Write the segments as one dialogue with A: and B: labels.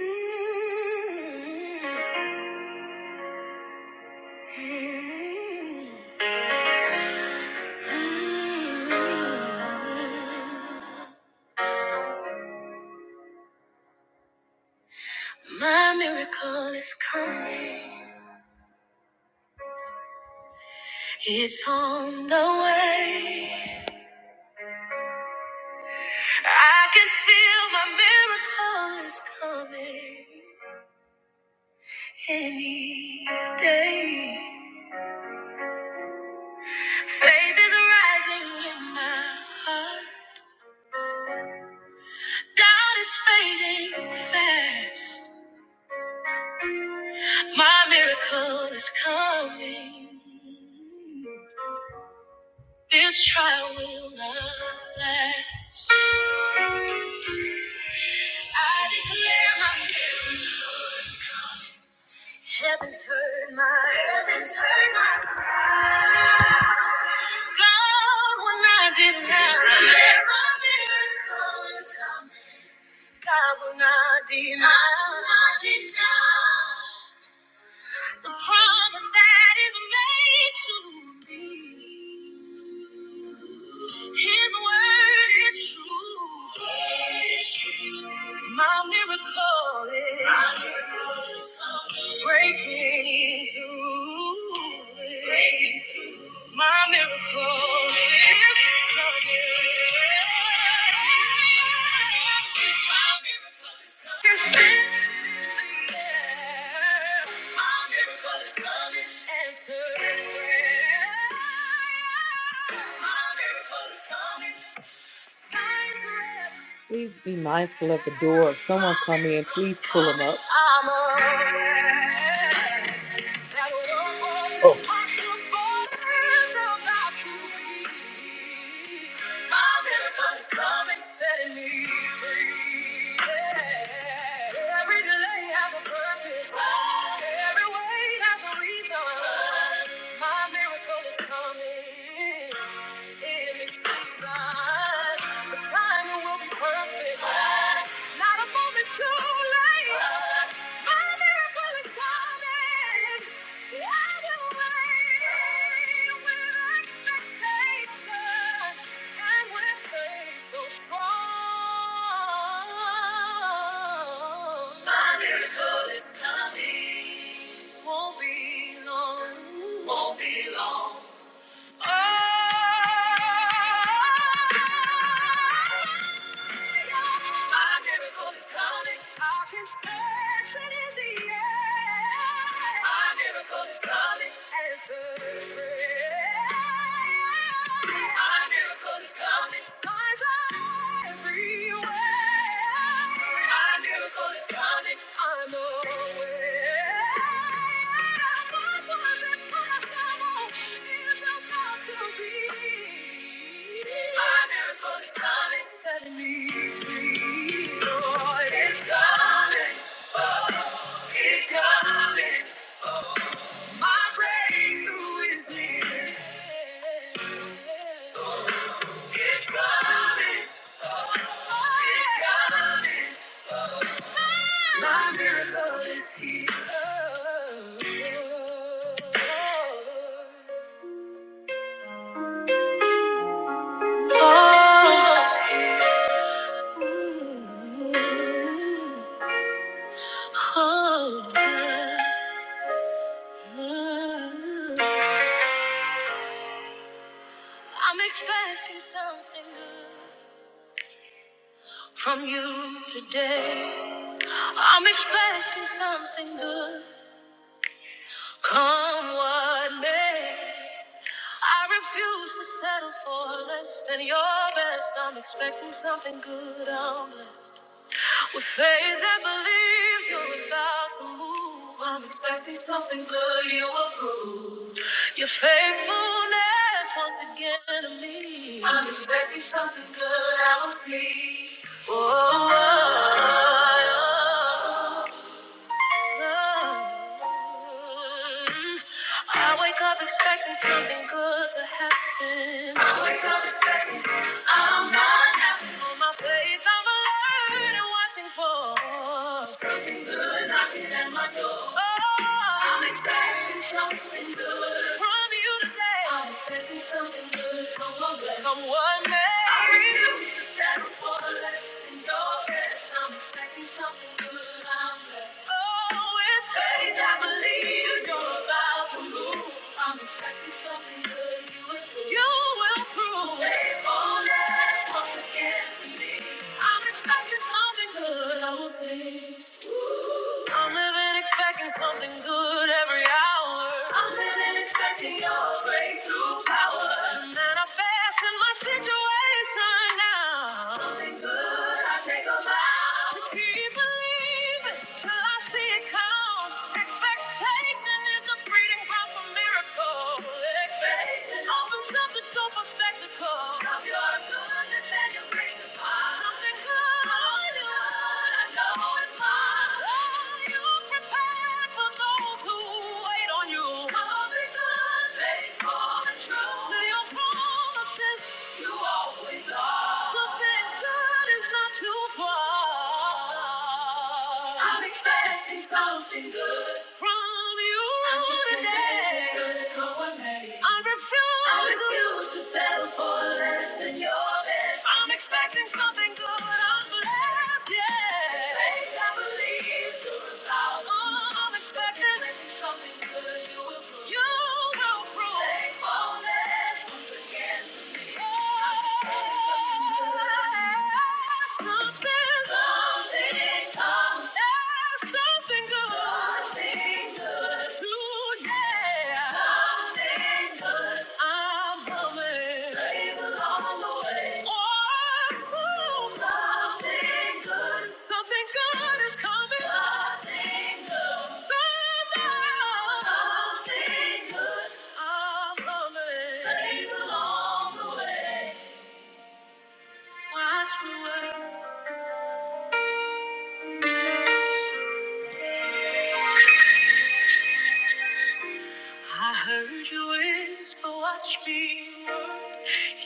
A: Mm-hmm. My miracle is coming. It's on the way. I can feel my miracle is coming any day. Faith is rising in my heart. Doubt is fading fast. My miracle is coming. This trial will not last. I declare my miracle is coming. Heaven's heard my heaven's heard my cry. God will not deny. Declare my miracle is coming. God will not deny. God will not deny. the promise that is made to me. His word is true. My miracle is, coming. breaking through. Breaking through. My miracle is coming. My miracle is coming. Can send it in the air. My miracle is coming. Answer prayer. My miracle is coming. Signs are everywhere. Please be mindful of the door. If someone come in, please pull them up. I'm aware. That what was
B: Oh,
A: impossible is about to be. My miracle is coming, setting me free. Yeah. Every delay has a purpose. Every wait has a reason. My miracle is coming in its season. The timing will be perfect. Not a moment too late. My miracle is coming. I will wait with expectation and with faith so strong. My miracle is coming. Won't be long. Won't be long. Oh. My miracle is coming. I can sense it in the air. My miracle is coming. Answered prayer. My miracle is coming. Signs are everywhere. My miracle is coming. My breakthrough is near. It's coming. It's coming. My miracle is here. Oh, oh, yeah. I'm expecting something good from you today. I'm expecting something good. Come what may, I refuse to settle for less than your best. I'm expecting something good. I'm blessed with faith and believes you're about to move. I'm expecting something good. You approve your faithfulness once again to me. I'm expecting something good. I will see. Oh, oh, oh. oh. I wake up expecting something good to happen. I wake up expecting I'm not happy for my faith. I'm alert and watching for something good knocking at my door. Oh, I'm expecting something good from you today. I'm expecting something good. from on, back. Come what may. I refuse to settle for less than your best. I'm expecting something good. I'm blessed. Oh, with faith, I believe you're about to move. I'm expecting something good. You will. You will I'm living expecting something good every hour. I'm living expecting your breakthrough power. To manifest in my situation now. Something good, I take a vow. To keep believing till I see it come. Expectation is the breeding ground for miracles. Expectation. It Opens up the door for spectacle. Of your goodness and your greatness, Father. Something good on you. I know it's mine. Oh, you prepared for those who wait on you. Something good, faithful and true. To your promises, you always are. Something good is not too far. I'm expecting something good from you I'm just today someone made. I refuse. I refuse to settle for less than your best. I'm expecting something good, but I'm blessed, yeah. Faith, I believe you allow. Oh, I'm expecting something good. You will prove. You will prove. Faithfulness once again for me. Oh, I'm expecting something, good. something, something. something. There's something good. Something good. Today. Something good. I'm coming. Praise the the way. Oh, Something good. Something good is coming. Something good. Somehow. Something good. I'm coming. Praise the the way. Watch the world. I heard you whisper, watch me work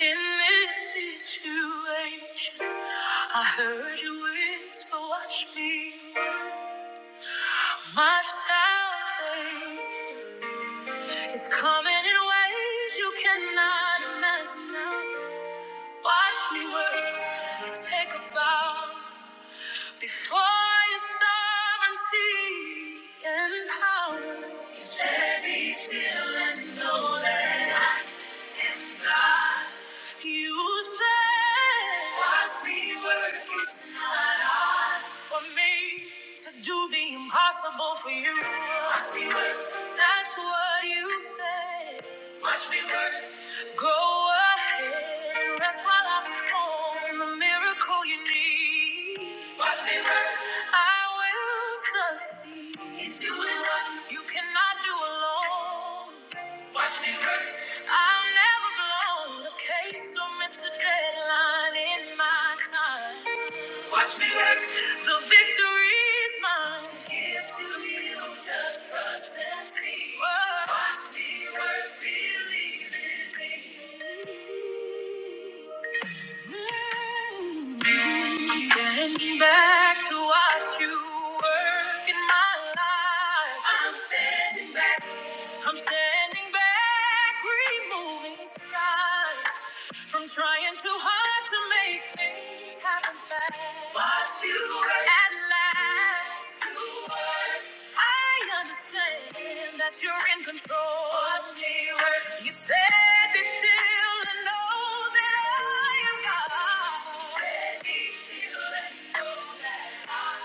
A: in this situation. I heard you whisper, watch me work. My salvation is coming in ways you cannot imagine now. Watch me work and take a bow. Before your sovereignty and power, let me feel and know that. I. You said, Watch me work, it's not hard for me to do the impossible for you. Watch me work. That's what you said. Watch me work. Go ahead and rest while I perform the miracle you need. Watch me work. I will succeed in doing what you cannot do alone. Watch me work i will never blown the case or missed a deadline in my time. Watch me take the victory is mine. Give to you, just trust and see. Watch me work, believe in me. Mm. I'm standing back to watch you work in my life. I'm standing back. I'm standing back, removing strife from trying too hard to make things happen fast. But you were- at last, you were. I understand that you're in control. But we were- You said be still and know that I am God. You Said be still and know that I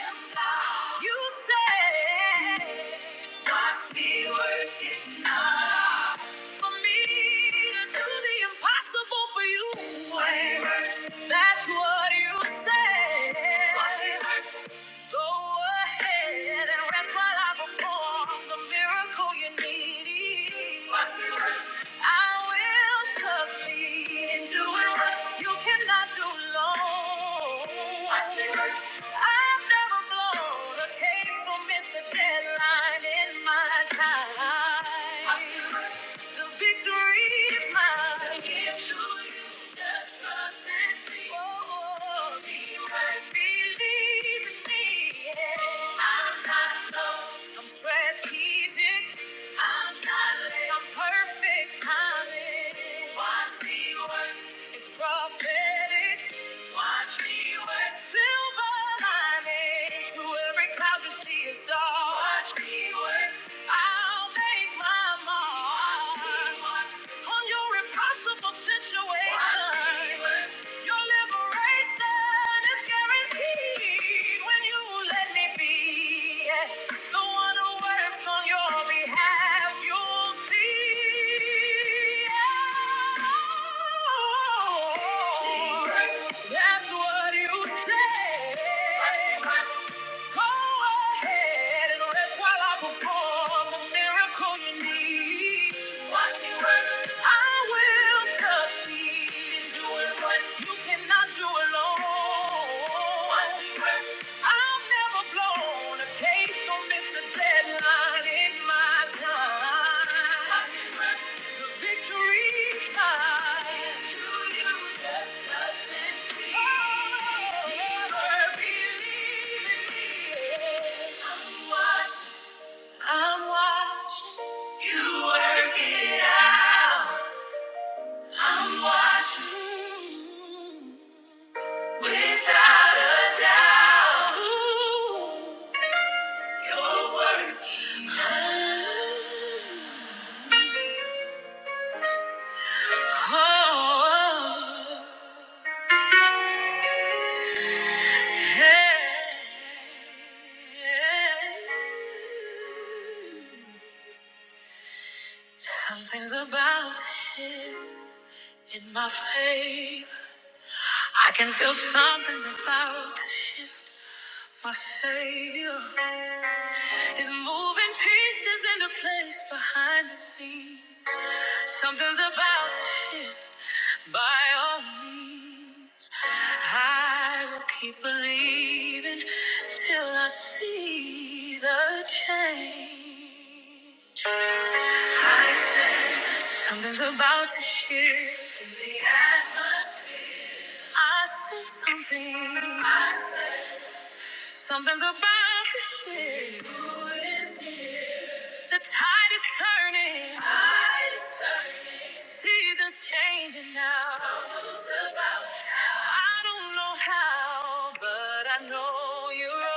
A: am God. You said, Watch me work, it's not. For me to do the impossible for you. That's what you said. Go ahead and rest while I perform the miracle you need. I will succeed in doing what you cannot do alone. I've never blown a case or missed a deadline in my time. The victory is mine. The victory, just trust and see. Oh, oh, oh. You might believe in me. Yeah. I'm not slow. I'm strategic. I'm not late. I'm perfect timing. Watch me work. It's prophetic. Watch me work. Silver lining to every cloud you see is dark. Watch me I'll make my mark on your impossible situation. Your liberation is guaranteed when you let me be the one who works on your behalf. You'll see. Oh, that's what you say. Go ahead and rest while I perform the miracle you need. Watch me work. I will succeed in doing what you cannot do alone. Watch me work. I've never blown a candle. So miss the deadline in my time. The victory's mine. To you, just trust and see. Oh, believe in me. I'm watching. I'm watching. You work it out. I'm watching. Without a doubt. Ooh. Oh, yeah. Something's about to shift in my favor. I can feel something's about to shift my savior. is moving pieces in the place behind the scenes. Something's about to shift by all means. I will keep believing till I see the change. Something's about to shift in the atmosphere. I see something. Something's about to shift. Who is here? The tide is turning. Tide is turning. Seasons changing now. Troubles about now. I don't know how, but I know you're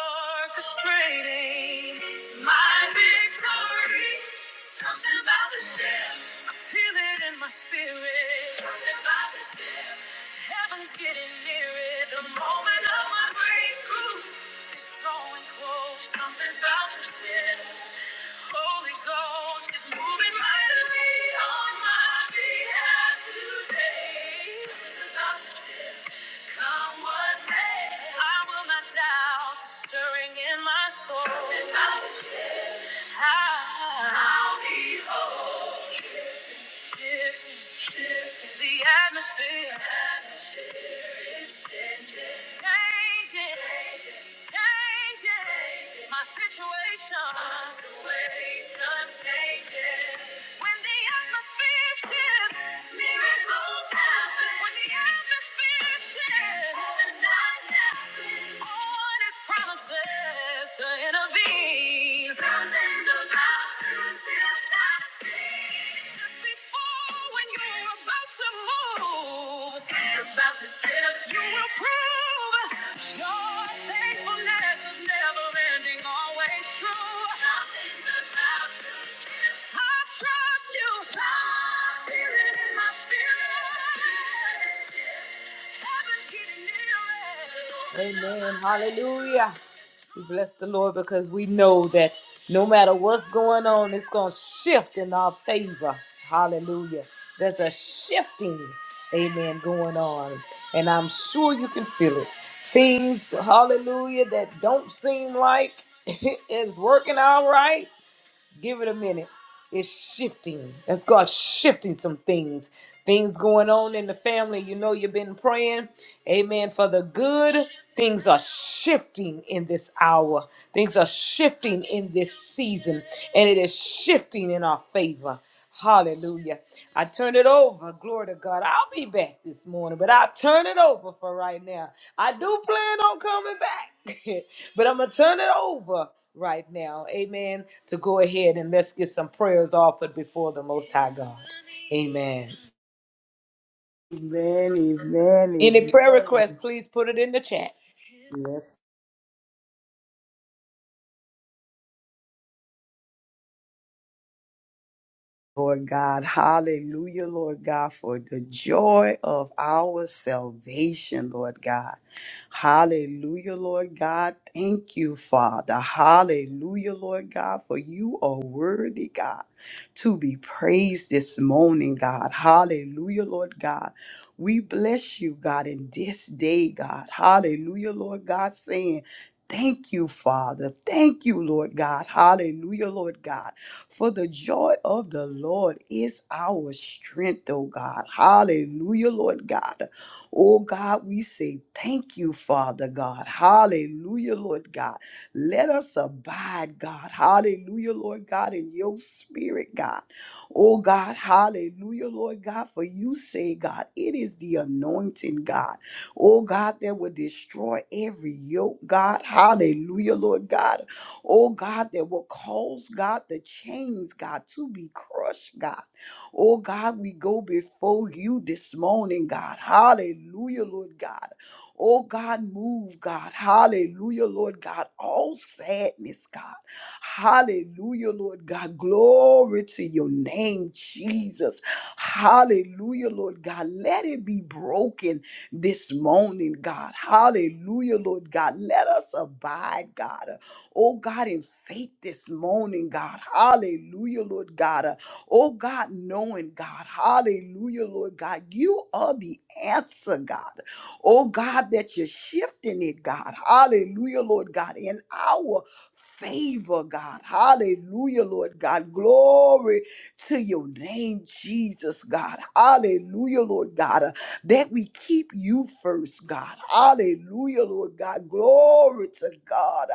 A: orchestrating my victory. Something about the ship. Feel it in my spirit. Something about this feeling. Heaven's getting near it. The moment of my breakthrough is drawing close. Something about this feeling. Holy Ghost is moving mightily on my behalf today. Something about this feeling. Come what may, I will not doubt the stirring in my soul. Something about this feeling. I- I'll be whole. The atmosphere changing, changing. My situation, situation changing. When the atmosphere shifts, miracles happen. When the atmosphere shifts, overnight happens. on its promises to intervene. Something's about to shift. I Amen. Hallelujah. We bless the Lord because we know that no matter what's going on, it's going to shift in our favor. Hallelujah. There's a shifting, amen, going on. And I'm sure you can feel it. Things, hallelujah, that don't seem like it's working out right. Give it a minute. It's shifting. That's God shifting some things. Things going on in the family. You know, you've been praying. Amen. For the good, things are shifting in this hour. Things are shifting in this season. And it is shifting in our favor. Hallelujah. I turn it over. Glory to God. I'll be back this morning, but I'll turn it over for right now. I do plan on coming back, but I'm going to turn it over right now. Amen. To go ahead and let's get some prayers offered before the Most High God. Amen.
B: Amen, amen,
A: Any prayer requests,
B: amen.
A: please put it in the chat.
B: Yes, Lord God. Hallelujah, Lord God, for the joy of our salvation, Lord God. Hallelujah, Lord God. Thank you, Father. Hallelujah, Lord God, for you are worthy, God, to be praised this morning, God. Hallelujah, Lord God. We bless you, God, in this day, God. Hallelujah, Lord God, saying, Thank you, Father. Thank you, Lord God. Hallelujah, Lord God. For the joy of the Lord is our strength, oh God. Hallelujah, Lord God. Oh God, we say thank you, Father God. Hallelujah, Lord God. Let us abide, God. Hallelujah, Lord God, in your spirit, God. Oh God, hallelujah, Lord God. For you say, God, it is the anointing, God. Oh God, that will destroy every yoke, God. Hallelujah, Lord God oh God, that will cause God the chains, God, to be crushed, God. Oh God, we go before you this morning, God. Hallelujah, Lord God. Oh God, move, God. Hallelujah, Lord God. All sadness, God. Hallelujah, Lord God. Glory to your name, Jesus. Hallelujah, Lord God. Let it be broken this morning, God. Hallelujah, Lord God. Let us abide, God oh God, in faith this morning, God. Hallelujah, Lord God. Uh, oh God, knowing God. Hallelujah, Lord God. You are the answer, God. Oh God, that you're shifting it, God. Hallelujah, Lord God. In our favor, God. Hallelujah, Lord God. Glory to your name, Jesus, God. Hallelujah, Lord God that we keep you first, God. Hallelujah, Lord God. Glory to God.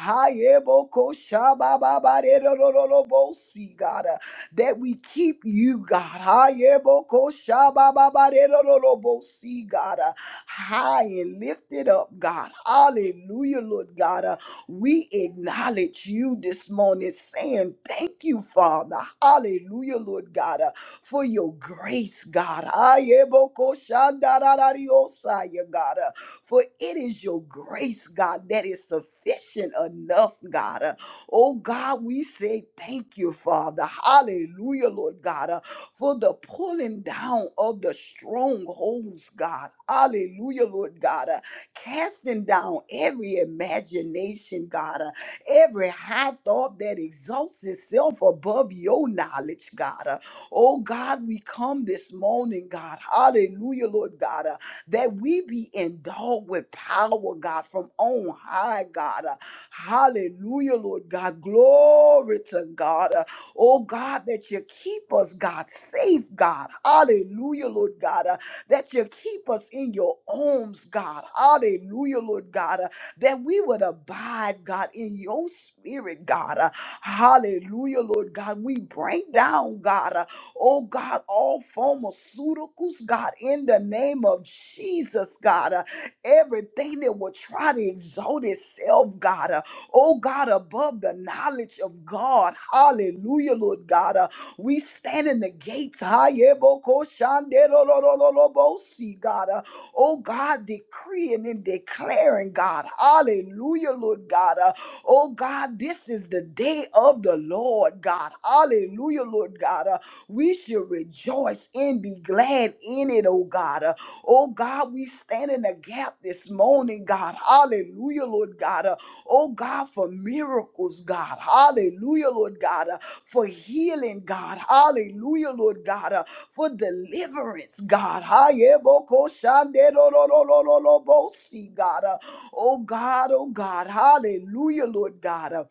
B: Hayebokoshabababaredorolobosi, God, uh, that we keep you, God. Hayebokoshabababaredorolobosi, God, uh, high and lifted up, God. Hallelujah, Lord God. Uh, we acknowledge you this morning, saying thank you, Father. Hallelujah, Lord God for your grace, God. Ayebokoshandararariosaya, God. Uh, For it is your grace, God, that is sufficient enough, God. Uh, Oh, God, we say thank you, Father. Hallelujah, Lord God, uh, for the pulling down of the strongholds, God. Hallelujah, Lord God. uh, Casting down every imagination, God. uh, every high thought that exalts itself above your knowledge, God. Oh God, we come this morning, God. Hallelujah, Lord God, uh, that we be endowed with power, God, from on high, God. Uh, hallelujah, Lord God. Glory to God. Uh, oh God, that you keep us, God, safe, God. Hallelujah, Lord God. Uh, that you keep us in your arms, God. Hallelujah, Lord God. Uh, that we would abide, God, in your spirit, God. Uh, hallelujah, Lord God. We bring down, God. Oh God, all pharmaceuticals, God, in the name of Jesus, God, uh, everything that will try to exalt itself, God, uh, oh God, above the knowledge of God. Hallelujah, Lord God. Uh, we stand in the gates, Hayebokoshanderolololobosi, God. uh, Oh God, decreeing and declaring, God. Hallelujah, Lord God. Uh, oh God, this is the day of the Lord, God. Hallelujah, Lord God. Uh, we should rejoice and be glad in it, oh God. Uh, oh God, we stand in the gap tap this morning, God. Hallelujah, Lord God. Uh, oh, God, for miracles, God. Hallelujah, Lord God. Uh, for healing, God. Hallelujah, Lord God. Uh, for deliverance, God. Hayebokoshanderororororobosi, God. Uh, Oh God, oh God, hallelujah, Lord God. Uh,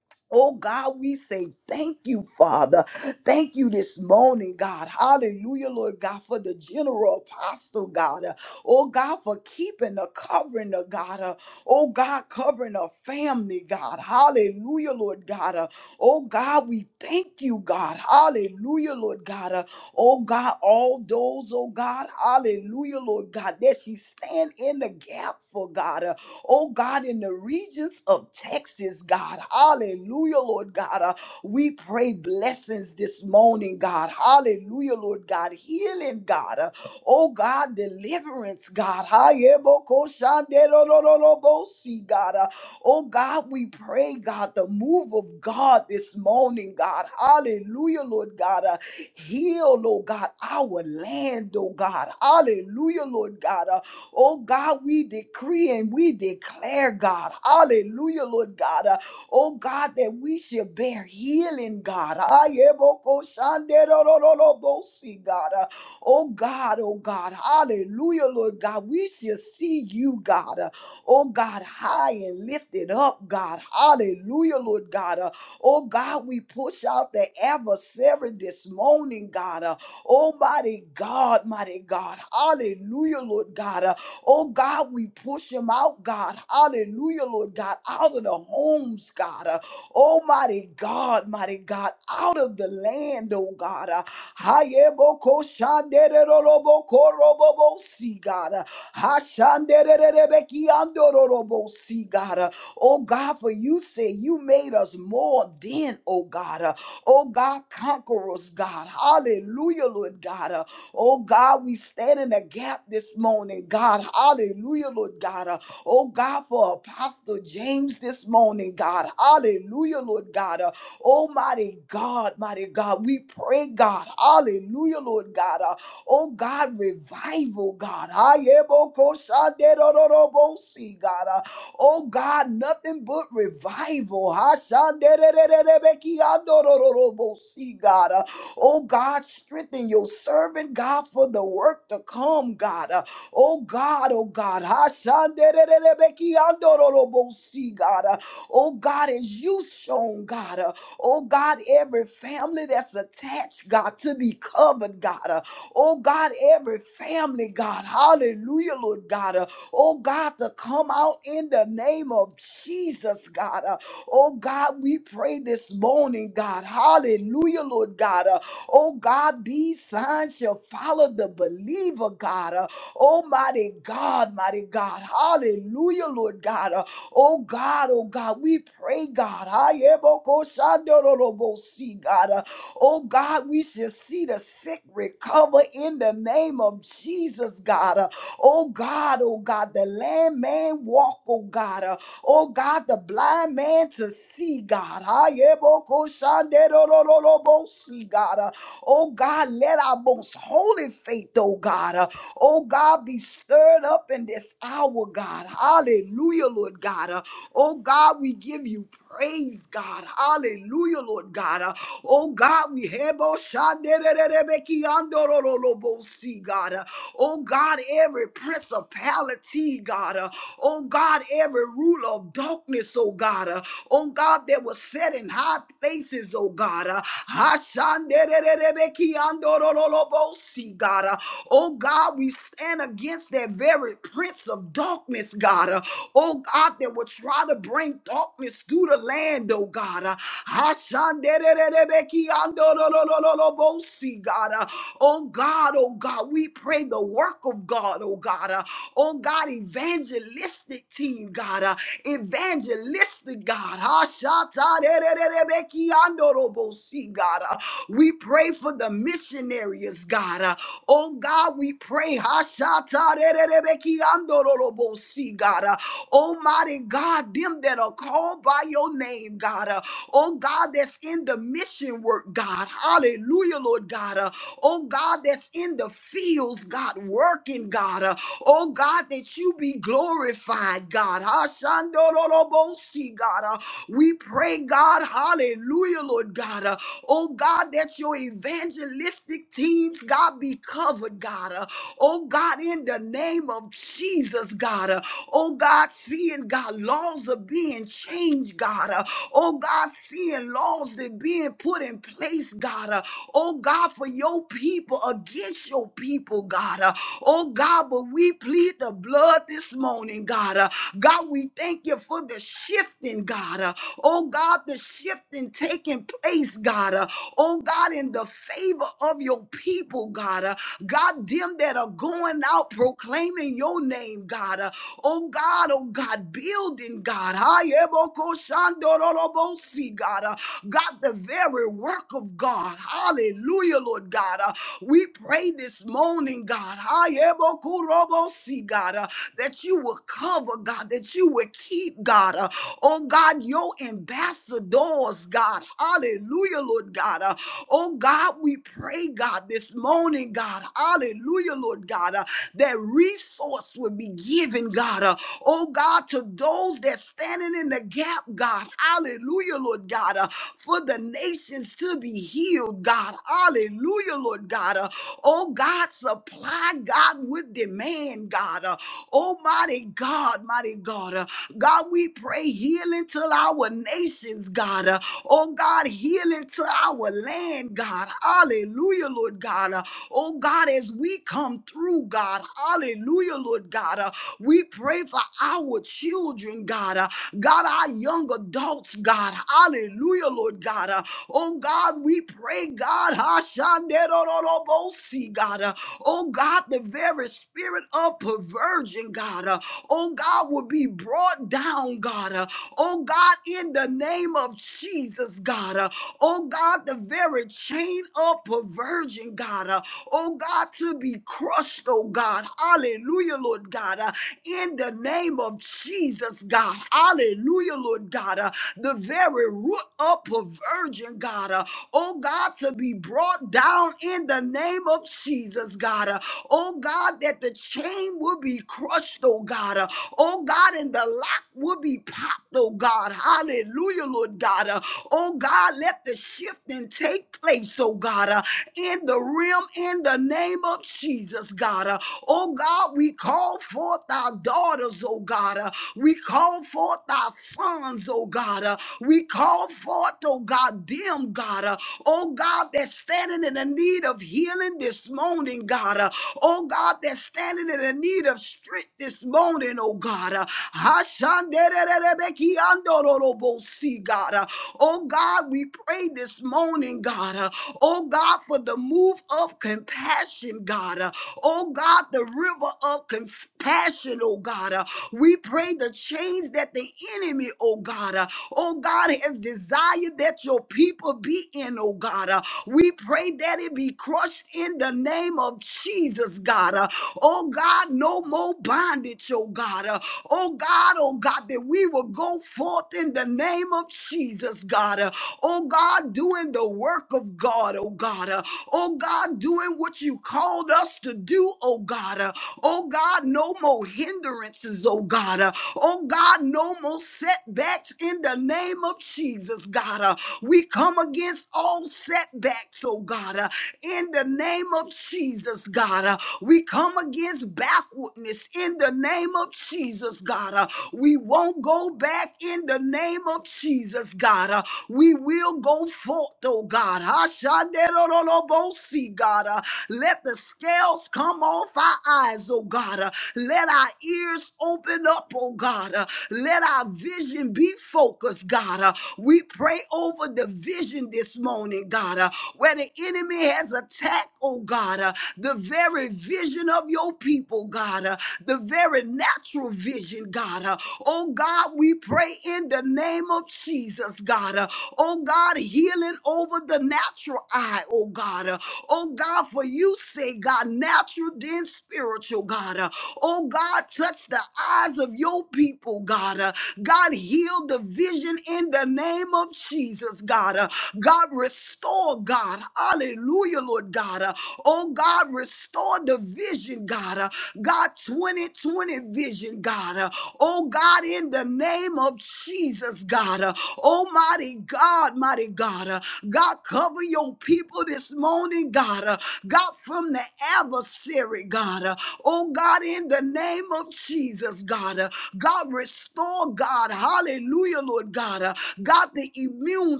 B: Oh God, we say thank you, Father. Thank you this morning, God. Hallelujah, Lord God, for the general apostle, God. Uh, Oh God, for keeping the covering of God. Uh, Oh God, covering a family, God. Hallelujah, Lord God. Uh, Oh God, we thank you, God. Hallelujah, Lord God. Uh, Oh God, all those, oh God, hallelujah, Lord God, that she stand in the gap for God. Oh God, in the regions of Texas, God. Hallelujah, Lord God. Uh, we pray blessings this morning, God. Hallelujah, Lord God. Healing, God. Uh, oh God, deliverance, God. Hayebokoshanderorororobosi, God. Uh, oh God, we pray, God, the move of God this morning, God. Hallelujah, Lord God. Uh, heal, Lord God, our land, oh God. Hallelujah, Lord God. Uh, Oh God, we decree and we declare, God. Hallelujah, Lord God. Uh, oh God, that we shall bear healing, God. Ayebokoshanderorororobosi, God. Uh, oh God, oh God. Hallelujah, Lord God. We shall see you, God. Uh, oh God, high and lifted up, God. Hallelujah, Lord God. Uh, oh God, we push out the adversary this morning, God. Uh, Almighty God, mighty God. Hallelujah, Lord God. Uh, Oh God, we push them out, God. Hallelujah, Lord God, out of the homes, God. Uh, Almighty God, mighty God, out of the land, oh God. Uh, Hayeboko shandereroroboko robobo si, God. Uh, Hashandererebeki andororobo si, God. Uh, Oh God, for you say you made us more than, oh God. Uh, Oh God, conquerors, God. Hallelujah, Lord God. Oh God, we stand in the gap this morning, God. Hallelujah, Lord God. Uh, Oh God, for Apostle James this morning, God. Hallelujah, Lord God. Uh, Almighty God, mighty God, we pray, God. Hallelujah, Lord God. Uh, Oh God, revival, God. Ayebokoshanderororobosi, God. Uh, Oh God, nothing but revival. Hashandererererebe kiandorororobosi, God. Oh God, strengthen your servant, God, for the work to come, God. Uh, oh God, oh God. Hashandererebekiandorolobosi, God. Uh, oh God, as you shown, God. Uh, oh God, every family that's attached, God, to be covered, God. Uh, oh God, every family, God. Hallelujah, Lord God. Uh, oh God, to come out in the name of Jesus, God. Uh, oh God, we pray this morning, God. Hallelujah, Lord God. Uh, Oh God, these signs shall follow the believer, God. Uh, oh mighty God, mighty God. Hallelujah, Lord God. Uh, Oh God, oh God, we pray, God. Ayebokoshandorolobosi, God. Uh, Oh God, we shall see the sick recover in the name of Jesus, God. Uh, Oh God, oh God, the lame man walk, oh God. Uh, Oh God, the blind man to see, God. Ayebokoshandorolobosi, God. Uh, Oh God, let our most holy faith, oh God, uh, oh God, be stirred up in this hour, God. Hallelujah, Lord God. Uh, oh God, we give you praise, God. Hallelujah, Lord God. Uh, Oh God, we have oh shandererebeki andorolobosi, God. uh, Oh God, every principality, God. uh, Oh God, every rule of darkness, oh God. uh, Oh God, that was set in high places, oh God. Hashandererebeki andorolobosi, God. uh, Oh God, we stand against that very prince of darkness, God. uh, Oh oh God, that will try to bring darkness through the land, oh God. Uh, Ashanderererebekiandororororobosi, God. Uh, Oh God, oh God, we pray the work of God, oh God. Uh, Oh God, evangelistic team, God. Uh, Evangelistic God. Ashatarerererebekiandorobosi, God. Uh, We pray for the missionaries, God. Uh, Oh God, we pray. Hashatarererebekiandororobosi, God. Uh, Almighty God, them that are called by your name, God. Uh, oh God, that's in the mission work, God. Hallelujah, Lord God. Uh, oh God, that's in the fields, God, working, God. Uh, oh God, that you be glorified, God. Hashandorolobosi, God. Uh, we pray, God, hallelujah, Lord God. Uh, oh God, that your evangelistic teams, God, be covered, God. Uh, Oh God, in the name of Jesus, God. Uh, oh God, seeing God, laws are being changed, God. Uh, oh God, seeing laws that being put in place, God. Uh, oh God, for your people against your people, God. Uh, oh God, but we plead the blood this morning, God. Uh, God, we thank you for the shifting, God. Uh, oh God, the shifting taking place, God. Uh, oh God, in the favor of your people, God. Uh, God, of them that are going out proclaiming your name, God. Uh, oh God, oh God, building, God. Ayebokoshandorolobosi, God, uh, God, the very work of God. Hallelujah, Lord God. Uh, we pray this morning, God. Ayebokurobosi, God, uh, that you will cover, God, that you will keep, God. Uh, oh God, your ambassadors, God. Hallelujah, Lord God. Uh, oh God, we pray, God, this morning, God. God. Hallelujah, Lord God. Uh, that resource will be given, God. Uh, oh God, to those that standing in the gap, God. Hallelujah, Lord God. Uh, for the nations to be healed, God. Hallelujah, Lord God. Uh, oh God, supply God with demand, God. Uh, Almighty God, mighty God. Uh, God, we pray healing to our nations, God. Uh, oh God, healing to our land, God. Hallelujah, Lord God. uh, Oh God, as we come through, God, hallelujah, Lord God, uh, we pray for our children, God, uh, God, our young adults, God, hallelujah, Lord God, uh, oh God, we pray, God, Hashanderororobosi, God, uh, oh God, the very spirit of perversion, God, uh, oh God, will be brought down, God, uh, oh God, in the name of Jesus, God, uh, oh God, the very chain of perversion, God. uh, oh God, to be crushed, oh God. Hallelujah, Lord God. Uh, in the name of Jesus, God. Hallelujah, Lord God. Uh, the very root of perversion, God. Uh, oh God, to be brought down in the name of Jesus, God. Uh, oh God, that the chain will be crushed, oh God. Uh, oh God, and the lock will be popped, oh God. Hallelujah, Lord God. Uh, oh God, let the shifting take place, oh God. Uh, in the realm in the name of Jesus, God. Uh, Oh God, we call forth our daughters, oh God. Uh, We call forth our sons, oh God. Uh, We call forth, oh God, them, God. Uh, Oh God, that's standing in the need of healing this morning, God. Uh, Oh God, that's standing in the need of strength this morning, oh God. Uh, Hashandererebekiandorolobosi, God. Uh, God. Uh, Oh God, we pray this morning, God. Uh, Oh God, for the move of compassion, God. Uh, Oh God, the river of compassion, oh God. Uh, We pray the chains that the enemy, oh God, uh, oh God, has desired that your people be in, oh God. Uh, We pray that it be crushed in the name of Jesus, God. Uh, Oh God, no more bondage, oh God. Uh, Oh God, oh God, that we will go forth in the name of Jesus, God. Uh, Oh God, doing the work of God, oh God. Uh, Oh God, doing what you called us to do, oh God. Uh, Oh God, no more hindrances, oh God. Uh, Oh God, no more setbacks in the name of Jesus, God. Uh, We come against all setbacks, oh God. Uh, in the name of Jesus, God. Uh, we come against backwardness in the name of Jesus, God. Uh, we won't go back in the name name of Jesus, God, uh, we will go forth, oh God. Ashanderorolobosi, God, uh, let the scales come off our eyes, oh God. uh, let our ears open up, oh God. uh, let our vision be focused, God. uh, we pray over the vision this morning, God, uh, where the enemy has attacked, oh God, uh, the very vision of your people, God, uh, the very natural vision, God. uh, Oh Oh God, we pray in the name of Jesus, God. Uh, Oh God, healing over the natural eye, oh God. Uh, Oh God, for you say, God, natural then spiritual, God. Uh, Oh God, touch the eyes of your people, God. Uh, God, heal the vision in the name of Jesus, God. Uh, God, restore, God. Hallelujah, Lord God. Uh, Oh God, restore the vision, God. Uh, God, 2020 vision, God. Uh, Oh, God, in the name of Jesus, God. Uh, Almighty God, mighty God. Uh, God, cover your people this morning, God. Uh, God, from the adversary, God. Uh, Oh, God, in the name of Jesus, God. Uh, God, restore, God. Hallelujah, Lord God. Uh, God, the immune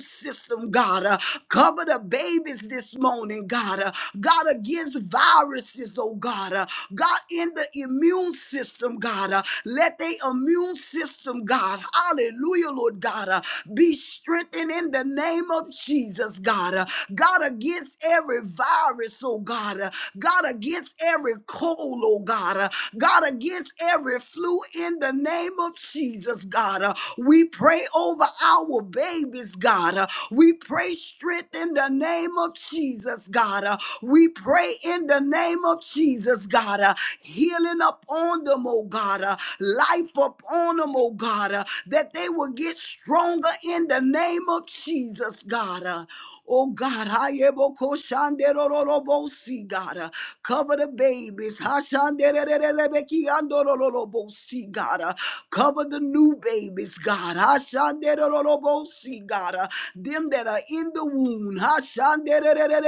B: system, God. Uh, Cover the babies this morning, God. Uh, God, against viruses, oh God. Uh, God, in the immune system, God. Uh, let their immune system, God, hallelujah, Lord God, uh, be strengthened in the name of Jesus, God. Uh, God, against every virus, oh God. Uh, God, against every cold, oh God. Uh, God, against every flu in the name of Jesus, God. Uh, we pray over our babies, God. Uh, we pray strength in the name of Jesus, God. Uh, we pray in in the name of Jesus, God. Uh, healing upon them, oh God. Uh, life upon them, oh God. Uh, that they will get stronger in the name of Jesus, God. Uh, Oh God, Hayebokoshanderororobosi, God, uh, cover the babies. Hashanderererebekiandorororobosi, God, uh, cover the new babies, God. Hashanderororobosi, God, uh, them that are in the womb.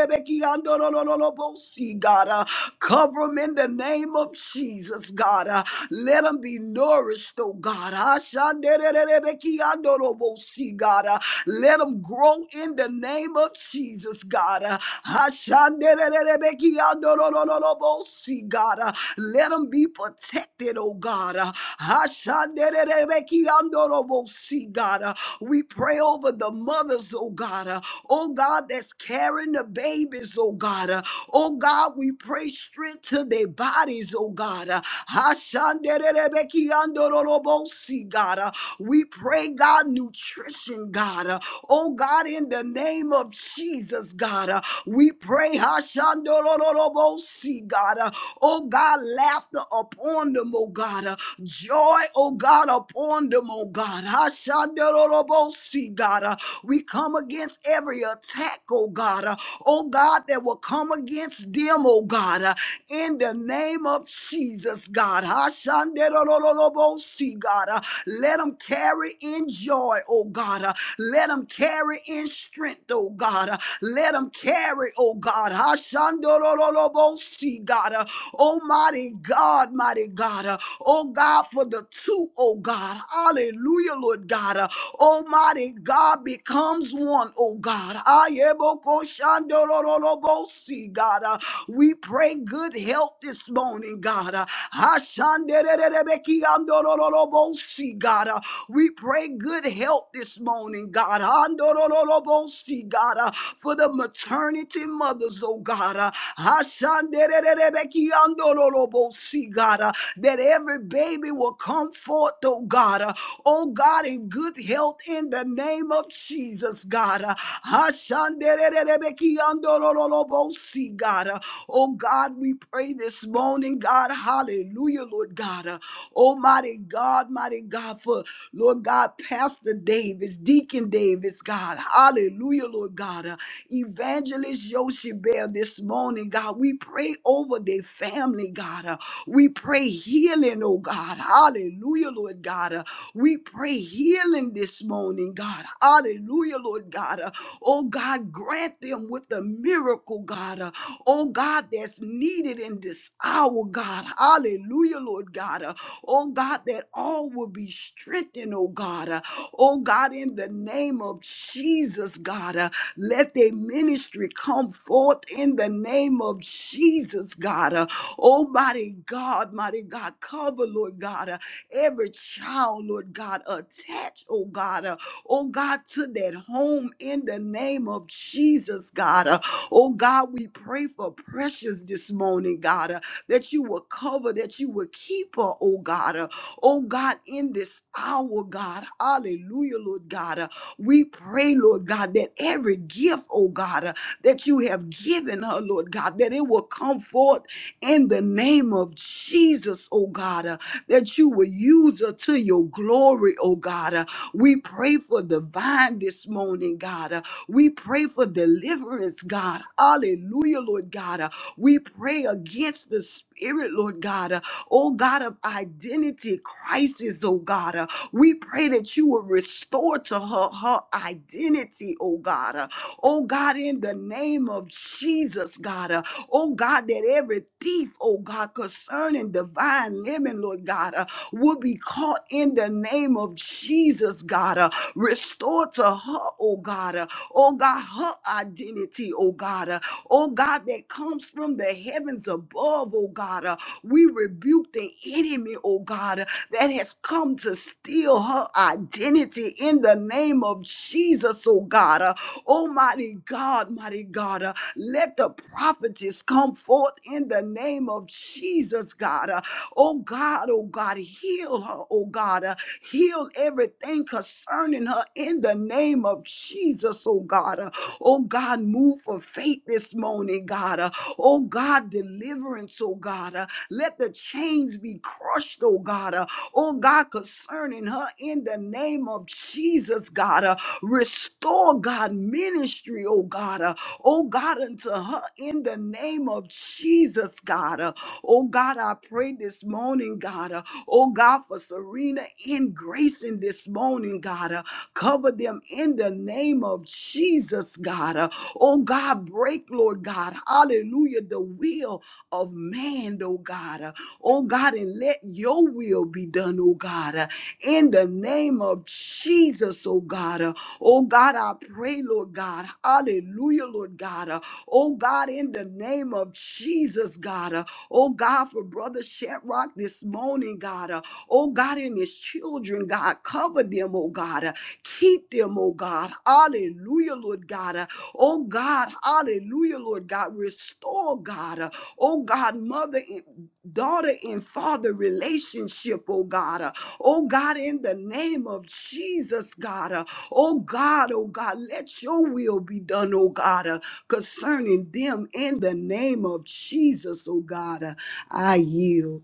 B: Bosi, God. Uh, cover them in the name of Jesus, God. Uh, let them be nourished, oh God. Ashandererebekiandorobosi, God. Uh, let them grow in the name of Jesus, God. Uh, Ashandererebekiandorolobosi, God. Uh, let them be protected, oh God. Uh, Ashandererebekiandorobosi, God. Uh, we pray over the mothers, oh God. Uh, oh God, that's carrying the babies, oh God. Uh, Oh God, we pray strength to their bodies, oh God. Uh, Hashandererebekiandorolobosi, God. Uh, we pray, God, nutrition, God. Uh, oh, God, in the name of Jesus, God. Uh, we pray, Hashandorolobosi, God. Uh, oh, God, laughter upon them, oh, God. Uh, joy, oh, God, upon them, oh, God. Hashandorolobosi, God. Uh, we come against every attack, oh, God. Uh, oh, God, that will come against them, oh, God. Uh, in the name of Jesus, God. Hashanderololobosi, God. Uh, Let them carry in joy, oh God. Uh, Let them carry in strength, oh God. Uh, Let them carry, oh God. Hashanderololobosi, God. Uh, Almighty God, mighty God. Uh, Oh God, for the two, oh God. Hallelujah, Lord God. Uh, Almighty God becomes one, oh God. Ayebokoshandorololobosi, Bosi, God. Uh, we pray good health this morning, God. Uh, Ashandererebekiandorolobosi, God. Uh, we pray good health this morning, God. Andorolobosi, God. Uh, for the maternity mothers, oh God. Uh, Ashandererebekiandorolobosi, God. Uh, that every baby will come forth, oh God. Uh, oh God, in good health in the name of Jesus us, God. Uh, Hashanderererebekiandorororobosi, God. Uh, Oh God, we pray this morning, God. Hallelujah, Lord God. Uh, Almighty God, mighty God, for Lord God, Pastor Davis, Deacon Davis, God. Hallelujah, Lord God. Uh, Evangelist Yoshibel this morning, God. We pray over their family, God. Uh, We pray healing, oh God. Hallelujah, Lord God. Uh, We pray pray healing this morning, God. Hallelujah, Lord God. Uh, Oh God, grant them with the miracle, God. Uh, Oh God, that's needed in this hour, God. Hallelujah, Lord God. Uh, Oh God, that all will be strengthened, oh God. Uh, Oh God, in the name of Jesus, God, uh, let their ministry come forth in the name of Jesus, God. Uh, Almighty God, mighty God, cover cover, Lord God, uh, every child, Lord God, attached, oh God, uh, oh God, to that home in the name of Jesus, God. Uh, oh God, we pray for precious this morning, God, uh, that you will cover, that you will keep her, oh God, uh, oh God, in this hour, God. Hallelujah, Lord God. Uh, we pray, Lord God, that every gift, oh God, uh, that you have given her, Lord God, that it will come forth in the name of Jesus, oh God, uh, that you will use her to your glory, oh God. Uh, we pray for divine this morning, God. Uh, we pray for deliverance, God. Hallelujah, Lord God. Uh, we pray against the spirit, Lord God. Uh, oh God of identity crisis, oh God. Uh, we pray that you will restore to her her identity, oh God. Uh, oh God, in the in the name of Jesus, God. Uh, oh God, that every thief, oh God, concerning divine living, Lord God, uh, will be caught in the name of Jesus, God. Uh, restore to her, oh God, uh, oh God, her identity, oh God, uh, oh God, that comes from the heavens above, oh God. Uh, we rebuke the enemy, oh God, uh, that has come to steal her identity in the the name of Jesus, oh God. Uh, Almighty God, mighty God, uh, let the prophetess come forth in the name of Jesus, God. Uh, Oh God, oh God, heal her, oh God. Uh, Heal everything concerning her in the name of Jesus, oh God. Uh, Oh God, move for faith this morning, God. Uh, Oh God, deliverance, oh God. Uh, Let the chains be crushed, oh God. God. Uh, oh God, concerning her in the name of Jesus, God. Uh, restore, God, ministry, oh God. Uh, oh God, unto her in the name of Jesus, God. Uh, oh God, I pray this morning, God. Uh, oh God, for Serena and Grace in this morning, God. Uh, cover them in the name of Jesus, God. Uh, oh God, break, Lord God. Hallelujah. The will of man, oh God. Uh, Oh God, and let your will be done, oh God. Uh, In the name of Jesus, oh God. Uh, Oh God, I pray, Lord God. Hallelujah, Lord God. Uh, Oh God, in the name of Jesus, God. Uh, Oh God, for Brother Shadrach this morning, God. Uh, Oh God, and his children, God. Cover them, oh God. Uh, Keep them, oh God. Hallelujah, Lord God. Uh, Oh God, hallelujah, Lord God, restore God, uh, oh God, mother and daughter and father relationship, oh God, uh, oh God, in the name of Jesus, God, uh, oh God, oh God, let your will be done, oh God, uh, concerning them in the name of Jesus, oh God, uh, I yield.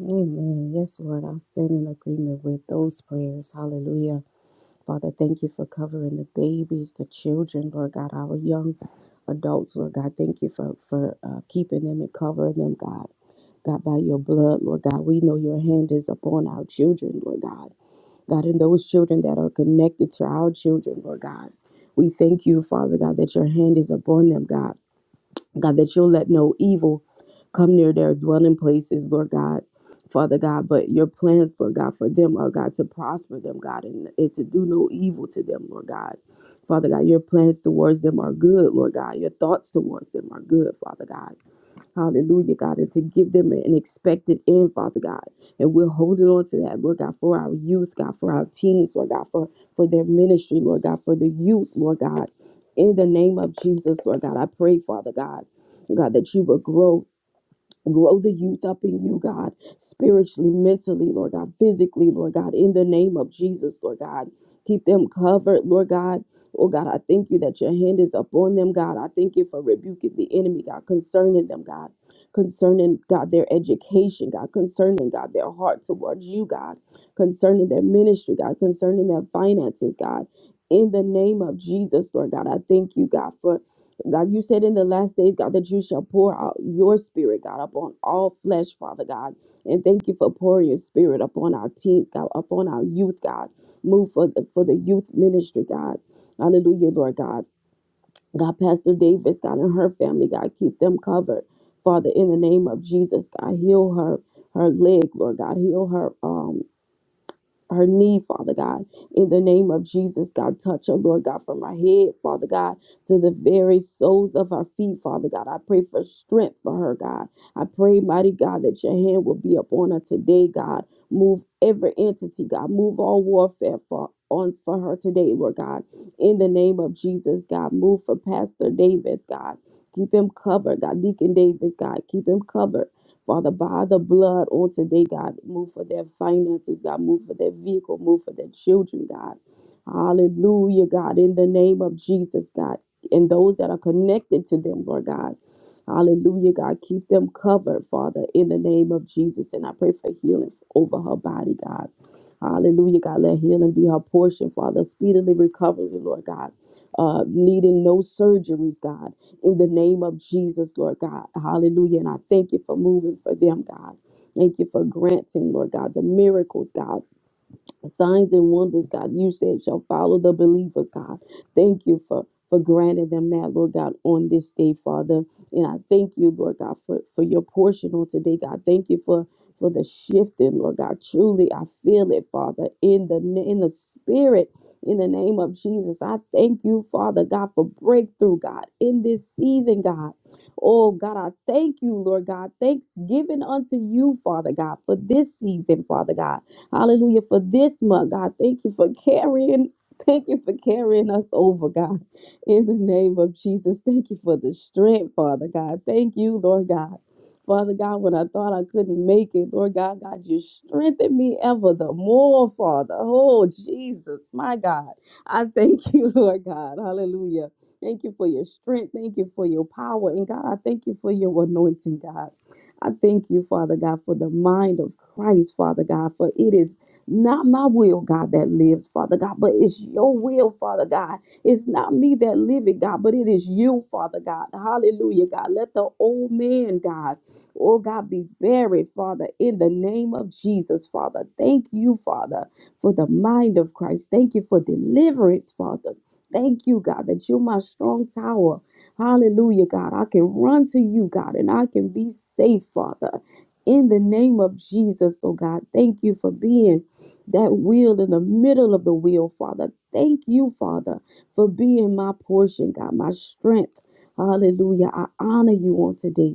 C: Amen. Yes, Lord, I stand in agreement with those prayers. Hallelujah. Father, thank you for covering the babies, the children, Lord God, our young adults, Lord God. Thank you for, for uh, keeping them and covering them, God. God, by your blood, Lord God, we know your hand is upon our children, Lord God. God, and those children that are connected to our children, Lord God. We thank you, Father God, that your hand is upon them, God. God, that you'll let no evil come near their dwelling places, Lord God, Father God, but your plans, Lord God, for them are, God, to prosper them, God, and, and to do no evil to them, Lord God. Father God, your plans towards them are good, Lord God. Your thoughts towards them are good, Father God. Hallelujah, God, and to give them an expected end, Father God. And we're holding on to that, Lord God, for our youth, God, for our teens, Lord God, for, for their ministry, Lord God, for the youth, Lord God. In the name of Jesus, Lord God, I pray, Father God, God, that you will grow Grow the youth up in you, God, spiritually, mentally, Lord God, physically, Lord God, in the name of Jesus, Lord God. Keep them covered, Lord God. Oh God, I thank you that your hand is upon them, God. I thank you for rebuking the enemy, God, concerning them, God, concerning, God, their education, God, concerning, God, their heart towards you, God, concerning their ministry, God, concerning their finances, God. In the name of Jesus, Lord God, I thank you, God, for God, you said in the last days, God, that you shall pour out your spirit, God, upon all flesh, Father God. And thank you for pouring your spirit upon our teens, God, upon our youth, God. Move for the, for the youth ministry, God. Hallelujah, Lord God. God, Pastor Davis, God, and her family, God, keep them covered. Father, in the name of Jesus, God, heal her, her leg, Lord God. Heal her, um her need, Father God. In the name of Jesus, God, touch her, Lord God, from her head, Father God, to the very soles of her feet, Father God. I pray for strength for her, God. I pray, mighty God, that your hand will be upon her today, God. Move every entity, God. Move all warfare for on for her today, Lord God. In the name of Jesus, God. Move for Pastor Davis, God. Keep him covered, God. Deacon Davis, God. Keep him covered. Father, by the blood on today, God, move for their finances, God, move for their vehicle, move for their children, God. Hallelujah, God, in the name of Jesus, God, and those that are connected to them, Lord God. Hallelujah, God, keep them covered, Father, in the name of Jesus. And I pray for healing over her body, God. Hallelujah, God, let healing be her portion, Father. Speedily recovery, Lord God. Uh, needing no surgeries, God in the name of Jesus, Lord God. Hallelujah. And I thank you for moving for them, God. Thank you for granting, Lord God, the miracles, God signs and wonders, God, you said shall follow the believers, God. Thank you for for granting them that, Lord God, on this day, Father. And I thank you, Lord God, for, for your portion on today, God. Thank you for for the shifting, Lord God. Truly, I feel it, Father, in the na- in the spirit. In the name of Jesus, I thank you, Father God, for breakthrough, God, in this season, God. Oh, God, I thank you, Lord God. Thanksgiving unto you, Father God, for this season, Father God. Hallelujah. For this month, God, thank you for carrying. Thank you for carrying us over, God. In the name of Jesus, thank you for the strength, Father God. Thank you, Lord God. Father God, when I thought I couldn't make it, Lord God, God, you strengthened me ever the more, Father. Oh, Jesus, my God. I thank you, Lord God. Hallelujah. Thank you for your strength. Thank you for your power. And God, I thank you for your anointing, God. I thank you, Father God, for the mind of Christ, Father God, for it is not my will, God, that lives, Father God, but it's your will, Father God. It's not me that live it, God, but it is you, Father God. Hallelujah, God. Let the old man, God, oh God, be buried, Father, in the name of Jesus, Father. Thank you, Father, for the mind of Christ. Thank you for deliverance, Father. Thank you, God, that you're my strong tower. Hallelujah, God. I can run to you, God, and I can be safe, Father. In the name of Jesus, oh God, thank you for being that wheel in the middle of the wheel, Father. Thank you, Father, for being my portion, God, my strength. Hallelujah. I honor you on today.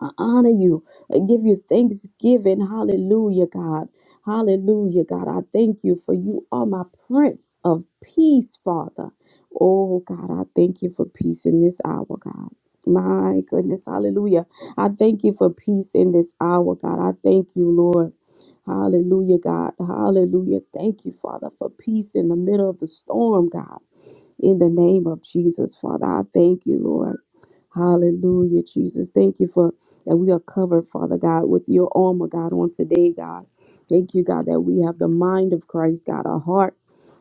C: I honor you. I give you thanksgiving. Hallelujah, God. Hallelujah, God. I thank you for you are my Prince of Peace, Father. Oh, God, I thank you for peace in this hour, God. My goodness, hallelujah. I thank you for peace in this hour, God. I thank you, Lord. Hallelujah, God. Hallelujah. Thank you, Father, for peace in the middle of the storm, God. In the name of Jesus, Father, I thank you, Lord. Hallelujah, Jesus. Thank you for that we are covered, Father God, with your armor, God, on today, God. Thank you, God, that we have the mind of Christ, God, a heart.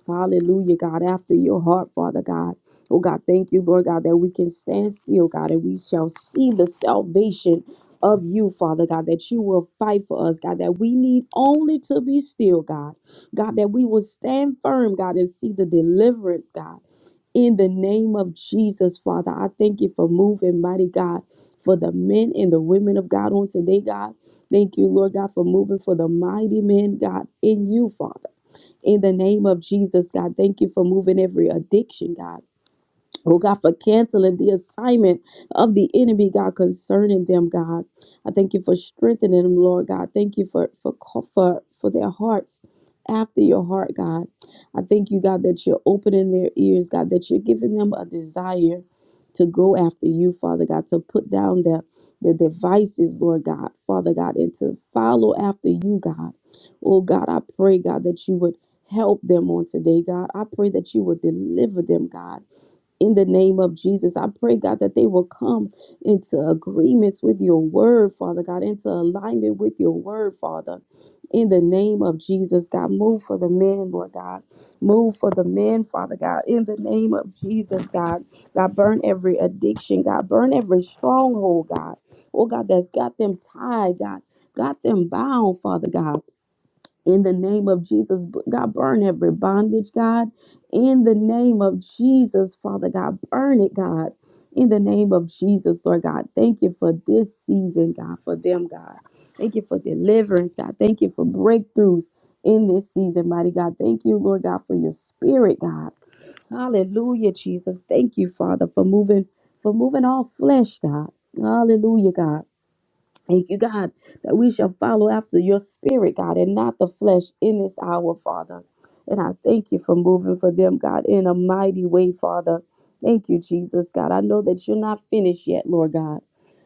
C: Hallelujah, God, after your heart, Father God. Oh, God, thank you, Lord God, that we can stand still, God, and we shall see the salvation of you, Father God, that you will fight for us, God, that we need only to be still, God. God, that we will stand firm, God, and see the deliverance, God. In the name of Jesus, Father, I thank you for moving, mighty God, for the men and the women of God on today, God. Thank you, Lord God, for moving for the mighty men, God, in you, Father. In the name of Jesus, God, thank you for moving every addiction, God. Oh God, for canceling the assignment of the enemy, God, concerning them, God. I thank you for strengthening them, Lord God. Thank you for for for, for their hearts after your heart, God. I thank you, God, that you're opening their ears, God, that you're giving them a desire to go after you, Father God, to put down their the devices, Lord God, Father God, and to follow after you, God. Oh God, I pray, God, that you would help them on today, God. I pray that you would deliver them, God in the name of Jesus. I pray, God, that they will come into agreements with your word, Father God, into alignment with your word, Father. In the name of Jesus, God, move for the men, Lord God. Move for the men, Father God. In the name of Jesus, God. God, burn every addiction, God. Burn every stronghold, God. Oh, God, that's got them tied, God. Got them bound, Father God in the name of Jesus. God, burn every bondage, God. In the name of Jesus, Father God, burn it, God. In the name of Jesus, Lord God, thank you for this season, God, for them, God. Thank you for deliverance, God. Thank you for breakthroughs in this season, mighty God. Thank you, Lord God, for your spirit, God. Hallelujah, Jesus. Thank you, Father, for moving, for moving all flesh, God. Hallelujah, God. Thank you, God, that we shall follow after your spirit, God, and not the flesh in this hour, Father. And I thank you for moving for them, God, in a mighty way, Father. Thank you, Jesus, God. I know that you're not finished yet, Lord God.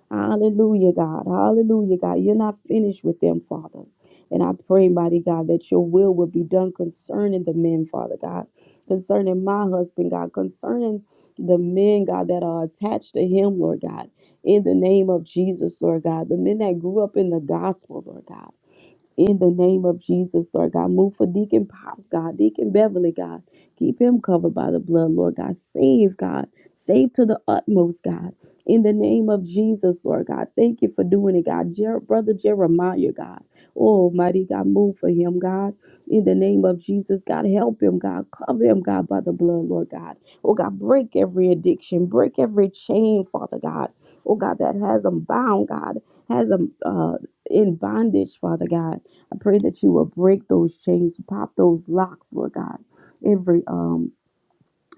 C: Hallelujah, God. Hallelujah, God. You're not finished with them, Father. And I pray, mighty God, that your will will be done concerning the men, Father God, concerning my husband, God, concerning the men, God, that are attached to him, Lord God, in the name of Jesus, Lord God, the men that grew up in the gospel, Lord God in the name of Jesus, Lord God. Move for Deacon Pops, God. Deacon Beverly, God. Keep him covered by the blood, Lord God. Save, God. Save to the utmost, God. In the name of Jesus, Lord God. Thank you for doing it, God. Jer- Brother Jeremiah, God. Oh, mighty God, move for him, God. In the name of Jesus, God, help him, God. Cover him, God, by the blood, Lord God. Oh, God, break every addiction. Break every chain, Father God. Oh, God, that has him bound, God. Has him uh, in bondage, Father God. I pray that you will break those chains, pop those locks, Lord God. Every um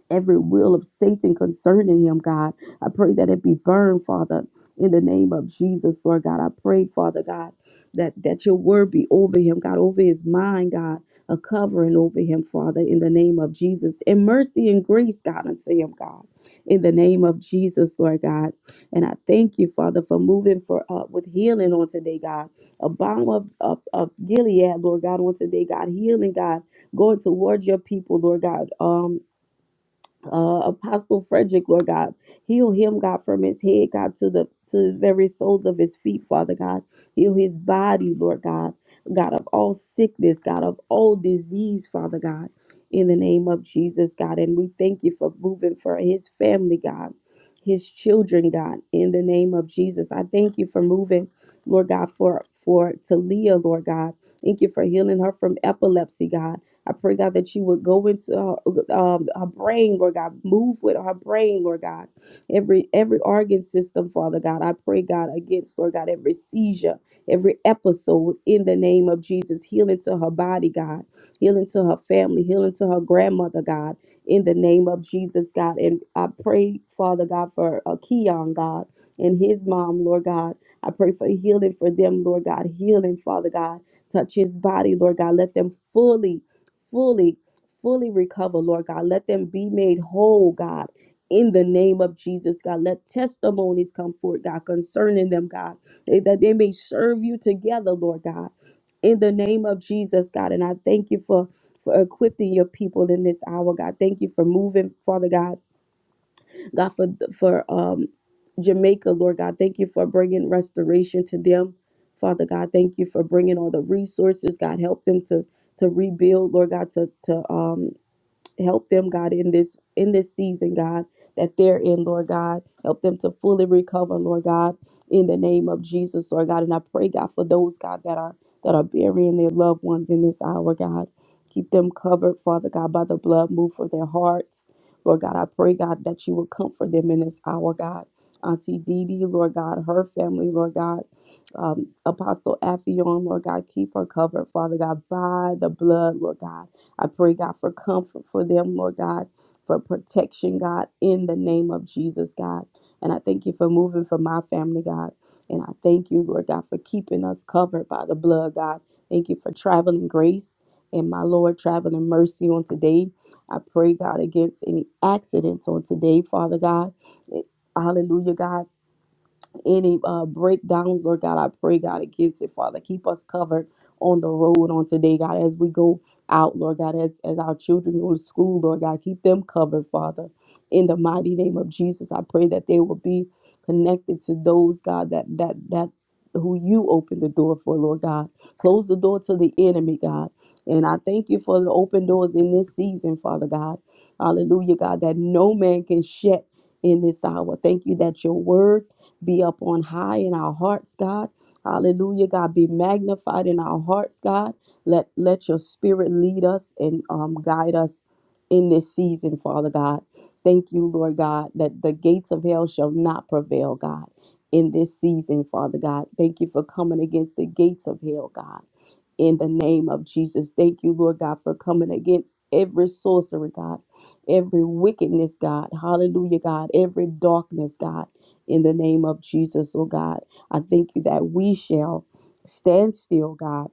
C: every will of Satan concerning him, God. I pray that it be burned, Father, in the name of Jesus, Lord God. I pray, Father God, that, that your word be over him, God, over his mind, God, a covering over him, Father, in the name of Jesus. And mercy and grace, God, unto him, God, in the name of Jesus, Lord God. And I thank you, Father, for moving for uh, with healing on today, God. A bomb of, of, of Gilead, Lord God, on today, God. Healing, God, going towards your people, Lord God. Um, uh, Apostle Frederick, Lord God. Heal him, God, from his head, God, to the to the very soles of his feet, Father God. Heal his body, Lord God. God of all sickness, God of all disease, Father God. In the name of Jesus, God. And we thank you for moving for his family, God, his children, God, in the name of Jesus. I thank you for moving, Lord God, for for Talia, Lord God. Thank you for healing her from epilepsy, God. I pray, God, that you would go into her, um, her brain, Lord God, move with her brain, Lord God. Every every organ system, Father God, I pray, God, against, Lord God, every seizure, every episode in the name of Jesus. Healing to her body, God. Healing to her family, healing to her grandmother, God, in the name of Jesus, God. And I pray, Father God, for uh, Keon, God, and his mom, Lord God. I pray for healing for them, Lord God. Healing, Father God. Touch his body, Lord God. Let them fully fully, fully recover, Lord God. Let them be made whole, God. In the name of Jesus, God, let testimonies come forth, God, concerning them, God, eh, that they may serve you together, Lord God. In the name of Jesus, God, and I thank you for for equipping your people in this hour, God. Thank you for moving, Father God God, for for um, Jamaica, Lord God, thank you for bringing restoration to them. Father God, thank you for bringing all the resources. God, help them to to rebuild, Lord God, to to um, help them god in this in this season god that they're in lord god help them to fully recover lord god in the name of jesus lord god and i pray god for those god that are that are burying their loved ones in this hour god keep them covered father god by the blood move for their hearts lord god i pray god that you will comfort them in this hour god auntie Dee Dee, lord god her family lord god um, Apostle Affion, Lord God, keep her covered, Father God, by the blood, Lord God. I pray, God, for comfort for them, Lord God, for protection, God, in the name of Jesus, God. And I thank you for moving for my family, God. And I thank you, Lord God, for keeping us covered by the blood, God. Thank you for traveling grace and my Lord, traveling mercy on today. I pray, God, against any accidents on today, Father God. Hallelujah, God any uh, breakdowns, Lord God, I pray, God, against it, Father. Keep us covered on the road on today, God, as we go out, Lord God, as, as our children go to school, Lord God, keep them covered, Father. In the mighty name of Jesus, I pray that they will be connected to those, God, that that that who you open the door for, Lord God. Close the door to the enemy, God. And I thank you for the open doors in this season, Father God. Hallelujah, God, that no man can shut in this hour. Thank you that your word be up on high in our hearts, God. Hallelujah, God. Be magnified in our hearts, God. Let let your spirit lead us and um, guide us in this season, Father God. Thank you, Lord God, that the gates of hell shall not prevail, God, in this season, Father God. Thank you for coming against the gates of hell, God in the name of Jesus. Thank you, Lord God, for coming against every sorcery, God, every wickedness, God. Hallelujah, God, every darkness, God, in the name of Jesus, oh God. I thank you that we shall stand still, God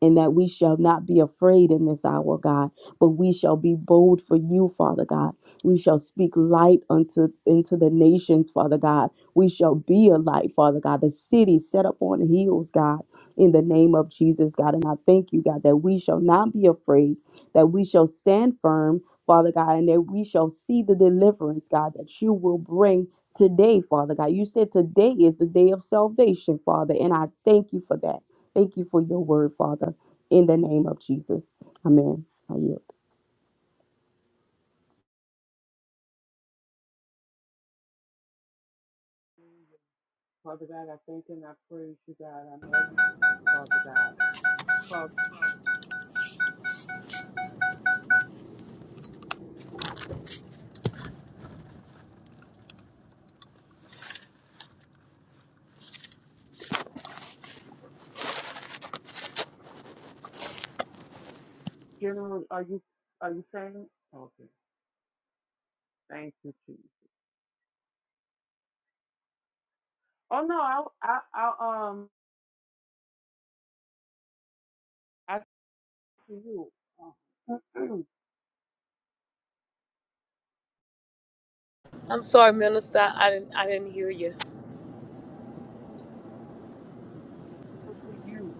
C: and that we shall not be afraid in this hour, God, but we shall be bold for you, Father God. We shall speak light unto into the nations, Father God. We shall be a light, Father God. The city set up on hills, God, in the name of Jesus, God. And I thank you, God, that we shall not be afraid, that we shall stand firm, Father God, and that we shall see the deliverance, God, that you will bring. Today, Father God, you said today is the day of salvation, Father, and I thank you for that. Thank you for your word, Father, in the name of Jesus. Amen. I yield.
D: Father God, I thank and I praise you, God. I magnify you, Father God. Well, general, are you are you saying? Okay, thank you, Jesus. Oh no, I I, I um I turn to you, uh,
A: I'm sorry, Minister. I didn't. I didn't hear you.
D: to you.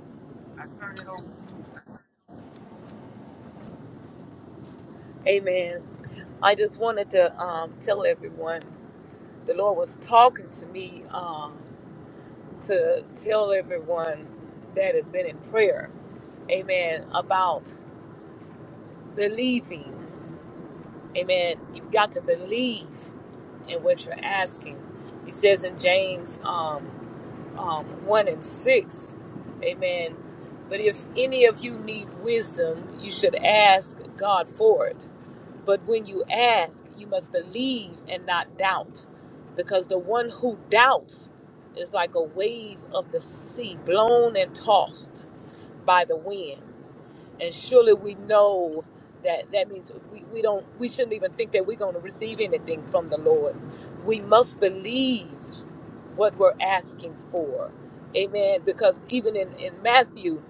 D: I turn it over to you.
A: Amen. I just wanted to um, tell everyone the Lord was talking to me. Um, to tell everyone that has been in prayer, amen, about believing. Amen. You've got to believe in what you're asking. He says in James, um, um, 1 and 6. Amen. But if any of you need wisdom, you should ask God for it. But when you ask, you must believe and not doubt, because the one who doubts is like a wave of the sea, blown and tossed by the wind. And surely we know that that means we, we don't we shouldn't even think that we're going to receive anything from the Lord. We must believe what we're asking for. Amen. Because even in, in Matthew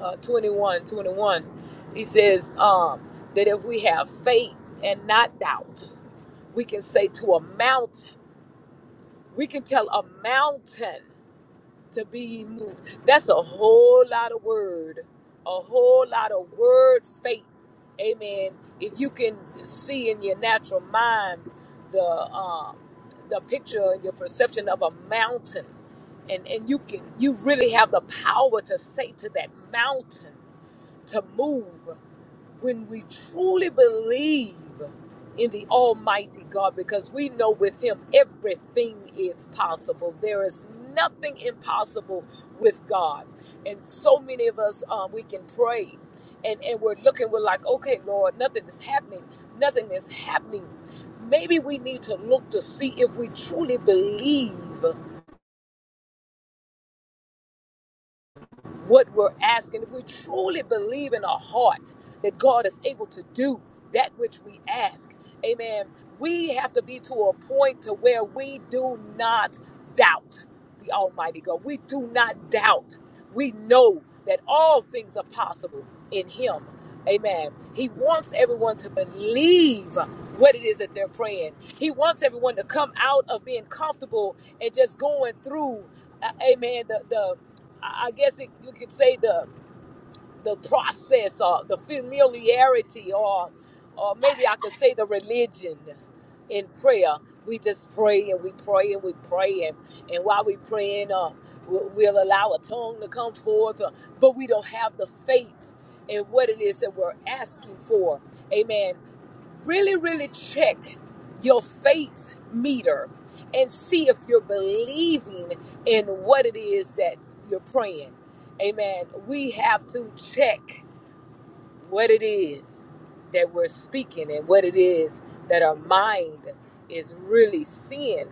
A: uh, 21 twenty-one, he says um, that if we have faith and not doubt, we can say to a mountain, we can tell a mountain to be ye moved. That's a whole lot of word, a whole lot of word faith. Amen. If you can see in your natural mind the um, the picture, your perception of a mountain, and and you can you really have the power to say to that mountain to move when we truly believe in the Almighty God, because we know with Him everything is possible. There is nothing impossible with God. And so many of us, um, we can pray and, and we're looking, we're like, okay, Lord, nothing is happening. Nothing is happening. Maybe we need to look to see if we truly believe. what we're asking. If we truly believe in our heart that God is able to do that which we ask, amen, we have to be to a point to where we do not doubt the Almighty God. We do not doubt. We know that all things are possible in Him. Amen. He wants everyone to believe what it is that they're praying. He wants everyone to come out of being comfortable and just going through, uh, amen, the, the I I guess it, you could say the the process or the familiarity or or maybe I could say the religion in prayer. We just pray and we pray and we pray and, and while we praying, uh, we- we'll allow a tongue to come forth, uh, but we don't have the faith in what it is that we're asking for. Amen really, really check your faith meter and see if you're believing in what it is that you're praying. Amen. We have to check what it is that we're speaking and what it is that our mind is really seeing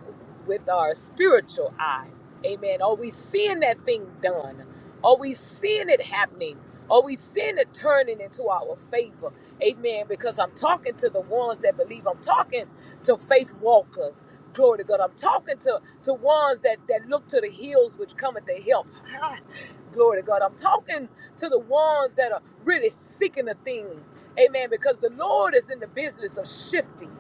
A: with our spiritual eye. Amen. Are we seeing that thing done? Are we seeing it happening? Are we seeing it turning into our favor? Amen. Because I'm talking to the ones that believe. I'm talking to faith walkers. Glory to God. I'm talking to, to ones that, that look to the hills which cometh to help. Glory to God. I'm talking to the ones that are really seeking a thing. Amen. Because the Lord is in the business of shifting.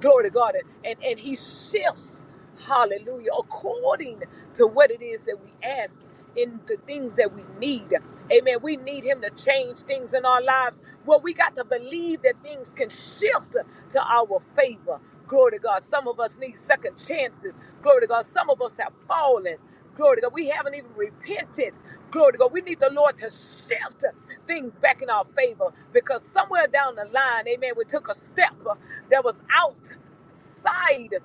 A: Glory to God. And, and, and He shifts, hallelujah, according to what it is that we ask in the things that we need. Amen. We need Him to change things in our lives. Well, we got to believe that things can shift to our favor. Glory to God. Some of us need second chances. Glory to God. Some of us have fallen. Glory to God. We haven't even repented. Glory to God. We need the Lord to shift things back in our favor because somewhere down the line, amen, we took a step that was outside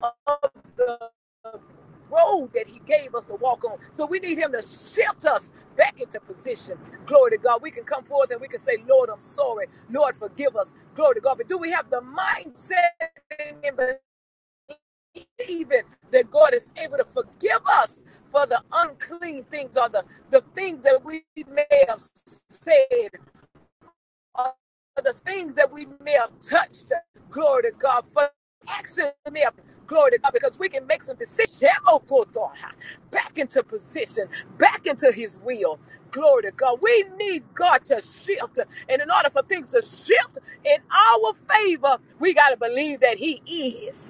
A: of the road that He gave us to walk on. So we need Him to shift us back into position. Glory to God. We can come forth and we can say, Lord, I'm sorry. Lord, forgive us. Glory to God. But do we have the mindset and even that God is able to forgive us for the unclean things or the, the things that we may have said or the things that we may have touched. Glory to God for action may have glory to God because we can make some decisions back into position, back into his will. Glory to God. We need God to shift. And in order for things to shift in our favor, we got to believe that he is.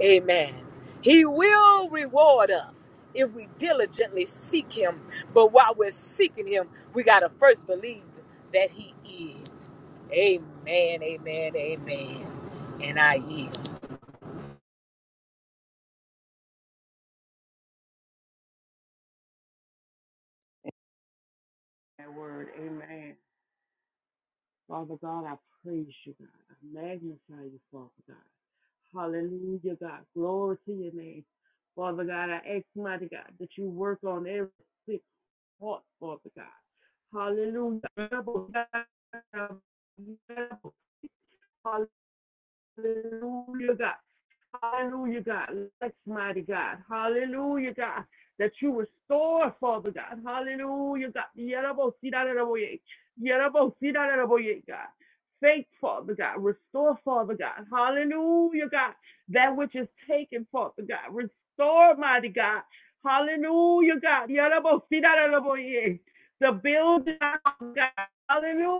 A: Amen. He will reward us if we diligently seek him. But while we're seeking him, we got to first believe that he is. Amen, amen, amen. And I yield.
D: That word, Amen. Father God, I praise you, God. I magnify you, Father God. Hallelujah, God. Glory to your name, Father God. I ask, mighty God, that you work on every. heart, Father God. Hallelujah. Hallelujah, God. Hallelujah, God. Let's mighty God. Hallelujah, God. That you restore, Father God. Hallelujah, God. ye. Yerabosidaraboye. ye, God. Faith, Father God. Restore, Father God. Hallelujah, God. That which is taken, Father God. Restore, mighty God. Hallelujah, God. ye. The building, God. Hallelujah.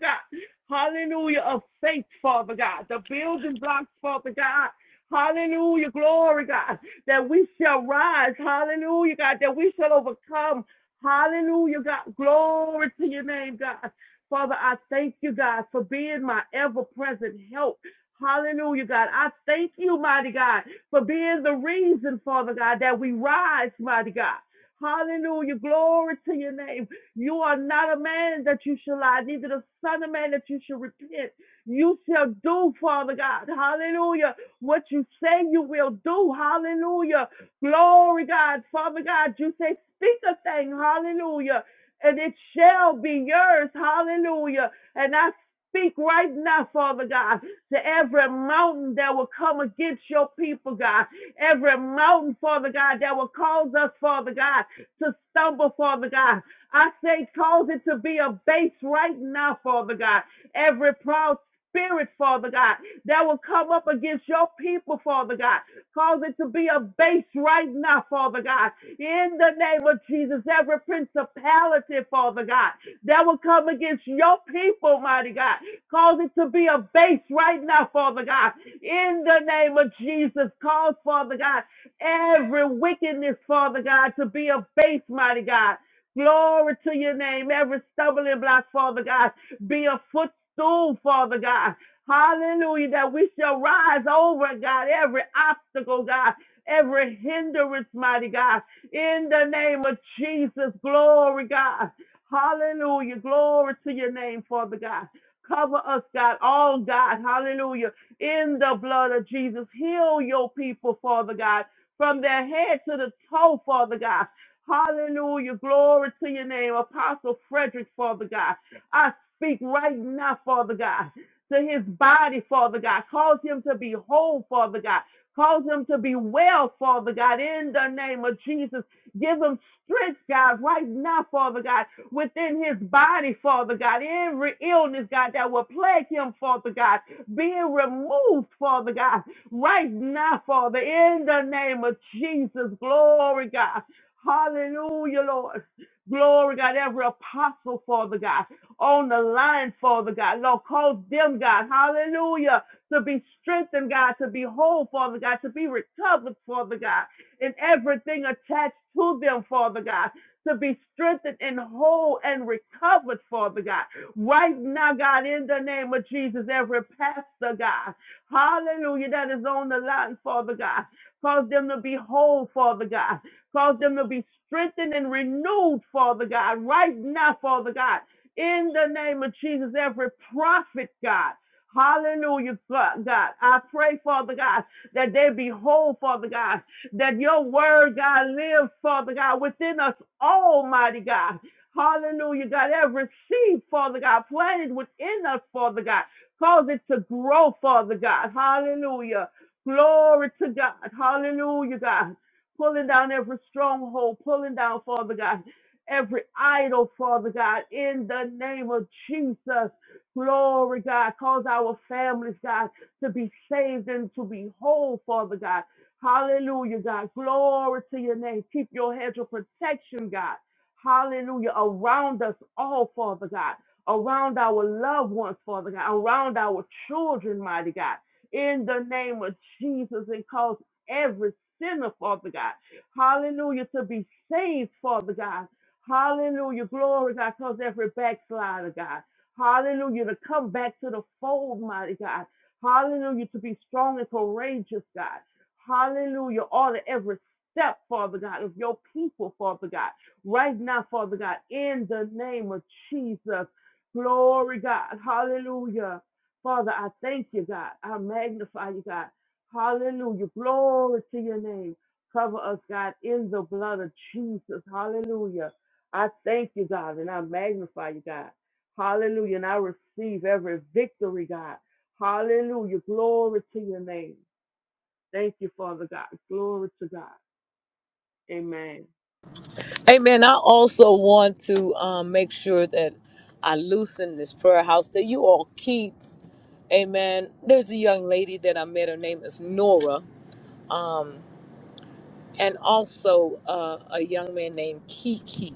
D: God. Hallelujah of faith, Father God. The building blocks, Father God. Hallelujah, glory, God, that we shall rise. Hallelujah, God, that we shall overcome. Hallelujah, God, glory to your name, God. Father, I thank you, God, for being my ever present help. Hallelujah, God. I thank you, mighty God, for being the reason, Father God, that we rise, mighty God. Hallelujah, glory to your name. You are not a man that you shall lie, neither the son of man that you shall repent. You shall do, Father God. Hallelujah. What you say you will do. Hallelujah. Glory, God. Father God, you say, speak a thing. Hallelujah. And it shall be yours. Hallelujah. And I speak right now, Father God, to every mountain that will come against your people, God. Every mountain, Father God, that will cause us, Father God, to stumble, Father God. I say, cause it to be a base right now, Father God. Every proud spirit, Father God, that will come up against your people, Father God. Cause it to be a base right now, Father God. In the name of Jesus, every principality, Father God, that will come against your people, mighty God. Cause it to be a base right now, Father God. In the name of Jesus, cause, Father God, every wickedness, Father God, to be a base, mighty God. Glory to your name. Every stumbling block, Father God, be a footstool, Father God. Hallelujah, that we shall rise over, God, every obstacle, God, every hindrance, mighty God. In the name of Jesus, glory, God. Hallelujah, glory to your name, Father God. Cover us, God, all God, hallelujah, in the blood of Jesus. Heal your people, Father God, from their head to the toe, Father God. Hallelujah. Glory to your name, Apostle Frederick, Father God. I speak right now, Father God, to his body, Father God. Cause him to be whole, Father God. Cause him to be well, Father God, in the name of Jesus. Give him strength, God, right now, Father God, within his body, Father God. Every illness, God, that will plague him, Father God, being removed, Father God, right now, Father, in the name of Jesus. Glory, God. Hallelujah, Lord. Glory, God, every apostle, Father God, on the line, Father God. Lord, cause them, God, hallelujah, to be strengthened, God, to be whole, Father God, to be recovered, Father God, and everything attached to them, Father God, to be strengthened and whole and recovered, Father God. Right now, God, in the name of Jesus, every pastor, God, hallelujah, that is on the line, Father God, cause them to be whole, Father God. Cause them to be strengthened and renewed, Father God, right now, Father God. In the name of Jesus, every prophet, God. Hallelujah, God. I pray, Father God, that they be whole, Father God, that your word, God, lives, Father God, within us, Almighty God. Hallelujah, God. Every seed, Father God, planted within us, Father God, cause it to grow, Father God. Hallelujah. Glory to God. Hallelujah, God pulling down every stronghold, pulling down, Father God, every idol, Father God, in the name of Jesus. Glory, God. Cause our families, God, to be saved and to be whole, Father God. Hallelujah, God. Glory to your name. Keep your hedge of protection, God. Hallelujah. Around us all, Father God. Around our loved ones, Father God. Around our children, mighty God. In the name of Jesus, and cause every sinner, Father God. Hallelujah. To be saved, Father God. Hallelujah. Glory, God, cause every backslider, God. Hallelujah. To come back to the fold, mighty God. Hallelujah. To be strong and courageous, God. Hallelujah. Order every step, Father God, of your people, Father God. Right now, Father God, in the name of Jesus. Glory, God. Hallelujah. Father, I thank you, God. I magnify you, God. Hallelujah. Glory to your name. Cover us, God, in the blood of Jesus. Hallelujah. I thank you, God, and I magnify you, God. Hallelujah. And I receive every victory, God. Hallelujah. Glory to your name. Thank you, Father God. Glory to God. Amen.
A: Amen. I also want to um, make sure that I loosen this prayer house, that you all keep. Amen. There's a young lady that I met. Her name is Nora and also uh, a young man named Kiki.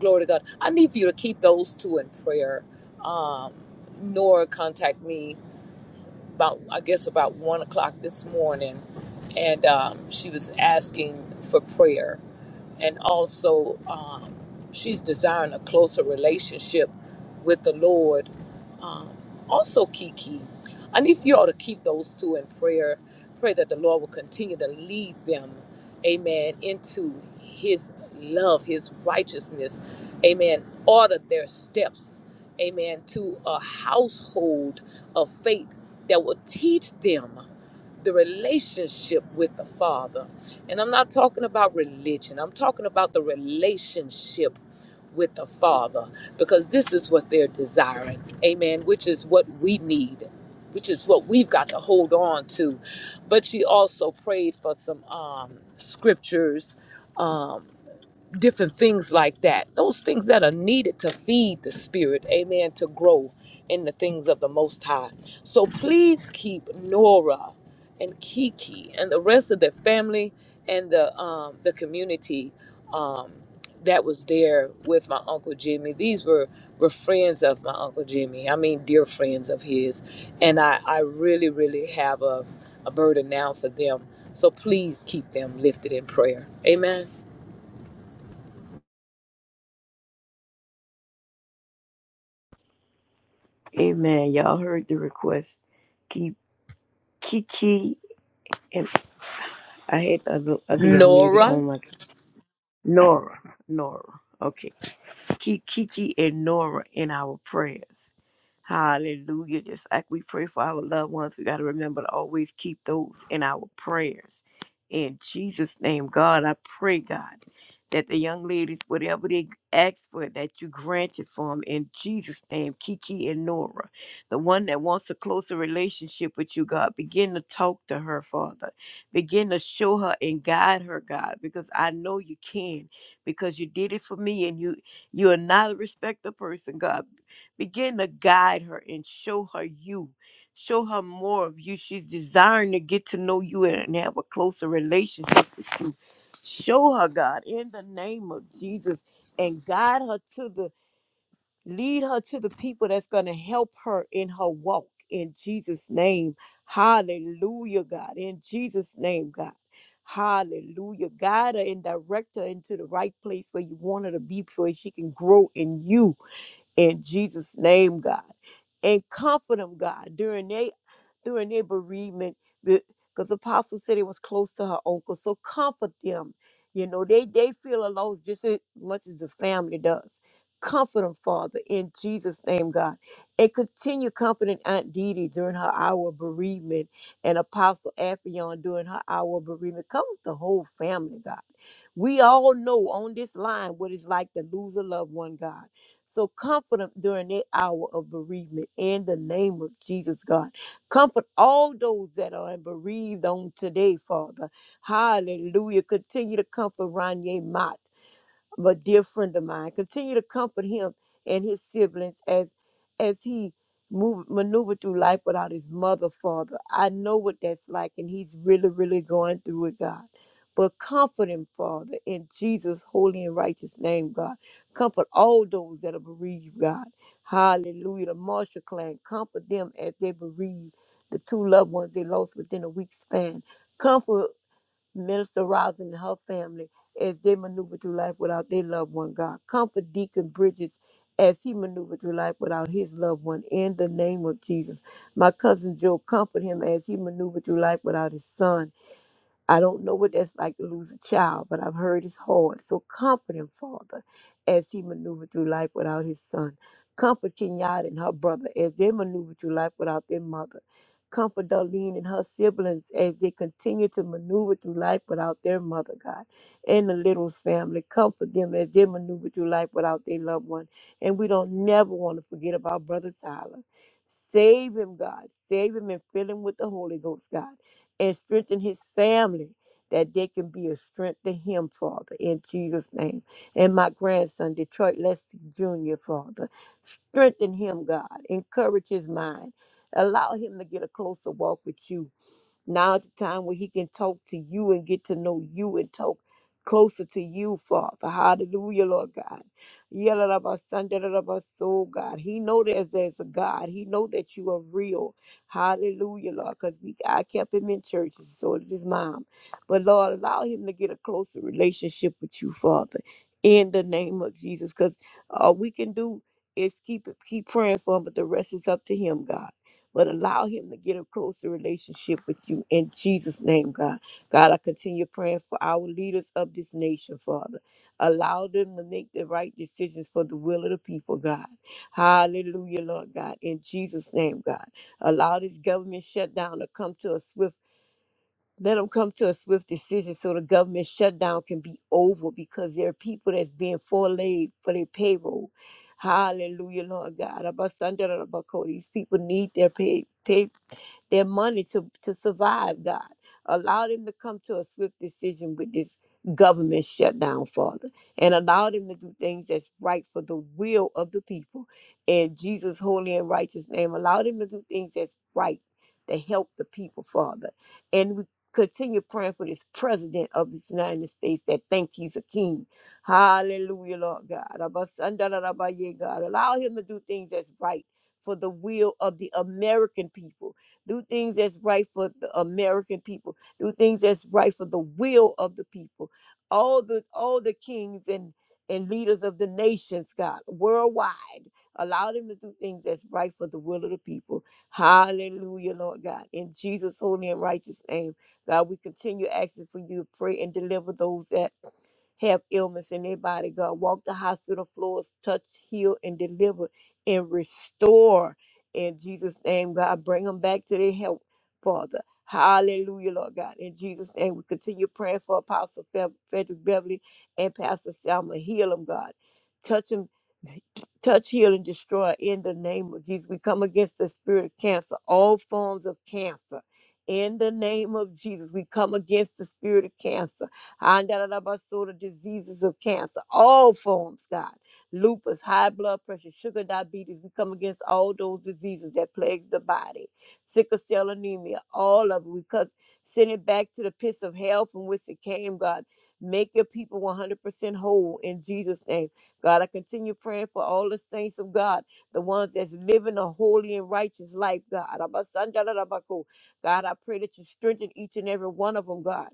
A: Glory to God. I need for you to keep those two in prayer. Um, Nora contacted me about, I guess, about one o'clock this morning, and um, she was asking for prayer, and also um, she's desiring a closer relationship with the Lord. Um, also, Kiki, I need for you all to keep those two in prayer. Pray that the Lord will continue to lead them amen, into his love, his righteousness, amen, order their steps, amen, to a household of faith that will teach them the relationship with the Father. And I'm not talking about religion, I'm talking about the relationship with the Father because this is what they're desiring. Amen. Which is what we need, which is what we've got to hold on to. But she also prayed for some um, scriptures. Um, different things like that. Those things that are needed to feed the spirit, amen, to grow in the things of the Most High. So please keep Nora and Kiki and the rest of the family and the um, the community um, that was there with my uncle Jimmy. These were were friends of my uncle Jimmy. I mean, dear friends of his, and I I really really have a a burden now for them. So please keep them lifted in prayer. Amen.
E: Amen. Y'all heard the request. Keep Kiki and I had other other young lady
A: Nora.
E: on like Nora. Nora. Okay. Keep Kiki and Nora in our prayers. Hallelujah. Just like we pray for our loved ones, we got to remember to always keep those in our prayers. In Jesus' name, God, I pray, God, that the young ladies, whatever they ask for, that you grant it for them. In Jesus' name, Kiki and Nora, the one that wants a closer relationship with you, God, begin to talk to her, Father. Begin to show her and guide her, God, because I know you can, because you did it for me and you you are not a respecter person, God. Begin to guide her and show her you. Show her more of you. She's desiring to get to know you and have a closer relationship with you. Show her, God, in the name of Jesus, and guide her to the, lead her to the people that's going to help her in her walk in Jesus' name. Hallelujah, God. In Jesus' name, God. Hallelujah. Guide her and direct her into the right place where you want her to be, where she can grow in you in Jesus' name, God. And comfort them, God, during their during their bereavement, because Apostle said it was close to her uncle. So comfort them. You know, they they feel a loss just as much as the family does. Comfort them, Father, in Jesus' name, God. And continue comforting Aunt Dee Dee during her hour of bereavement and Apostle Afion during her hour of bereavement. Comfort the whole family, God. We all know on this line what it's like to lose a loved one, God. So comfort them during their hour of bereavement in the name of Jesus, God. Comfort all those that are bereaved on today, Father. Hallelujah. Continue to comfort Ronye Mott but dear friend of mine. Continue to comfort him and his siblings as as he move maneuvered through life without his mother, father. I know what that's like, and he's really, really going through it, God. But comfort him, Father, in Jesus' holy and righteous name, God. Comfort all those that are bereaved, God. Hallelujah. The Marshall clan, comfort them as they bereave the two loved ones they lost within a week's span. Comfort Minister Rosin and her family as they maneuver through life without their loved one, God. Comfort Deacon Bridges as he maneuvered through life without his loved one in the name of Jesus. My cousin Joe, comfort him as he maneuvered through life without his son I don't know what that's like to lose a child, but I've heard it's hard. So comfort him, Father, as he maneuvered through life without his son. Comfort Kenyatta and her brother as they maneuver through life without their mother. Comfort Darlene and her siblings as they continue to maneuver through life without their mother, God. And the Littles family, comfort them as they maneuver through life without their loved one. And we don't never want to forget about Brother Tyler. Save him, God. Save him and fill him with the Holy Ghost, God and strengthen his family that they can be a strength to him, Father, in Jesus' name. And my grandson, Detroit Leslie Jr., Father, strengthen him, God. Encourage his mind. Allow him to get a closer walk with you Now's the time where he can talk to you and get to know you and talk closer to you, Father. Hallelujah, Lord God. Yalalabasandalabaso, God. He know that there's a God. He know that you are real. Hallelujah, Lord. Because we I kept him in church, and so did his mom. But Lord, allow him to get a closer relationship with you, Father. In the name of Jesus. Because all we can do is keep keep praying for him, but the rest is up to him, God but allow him to get a closer relationship with you in Jesus' name, God. God, I continue praying for our leaders of this nation, Father. Allow them to make the right decisions for the will of the people, God. Hallelujah, Lord God. In Jesus' name, God. Allow this government shutdown to come to a swift let them come to a swift decision so the government shutdown can be over because there are people that's being forlaid for their payroll. Hallelujah, Lord God. Abasandra Rabako. These people need their pay, pay their money to, to survive, God. Allow them to come to a swift decision with this government shutdown, Father, and allow them to do things that's right for the will of the people. In Jesus' holy and righteous name, allow them to do things that's right to help the people, Father. And we continue praying for this president of this United States that think he's a king. Hallelujah, Lord God. Abasandarabaye, God. Allow him to do things that's right for the will of the American people do things that's right for the American people, do things that's right for the will of the people. All the all the kings and and leaders of the nations, God, worldwide, allow them to do things that's right for the will of the people. Hallelujah, Lord God. In Jesus' holy and righteous name, God, we continue asking for you to pray and deliver those that have illness in their body, God. Walk the hospital floors, touch, heal, and deliver and restore. In Jesus' name, God, bring them back to their health, Father. Hallelujah, Lord God. In Jesus' name, we continue praying for Apostle Fe- Frederick Beverly and Pastor Selma. Heal them, God. Touch them, touch, heal, and destroy in the name of Jesus. We come against the spirit of cancer, all forms of cancer. In the name of Jesus, we come against the spirit of cancer the diseases of cancer, all forms, God. Lupus, high blood pressure, sugar diabetes. We come against all those diseases that plagues the body. Sickle cell anemia, all of it. We cut, send it back to the pits of hell from which it came, God. Make your people 100% whole in Jesus' name. God, I continue praying for all the saints of God, the ones that's living a holy and righteous life, God. Abasandalabako. God, I pray that you strengthen each and every one of them, God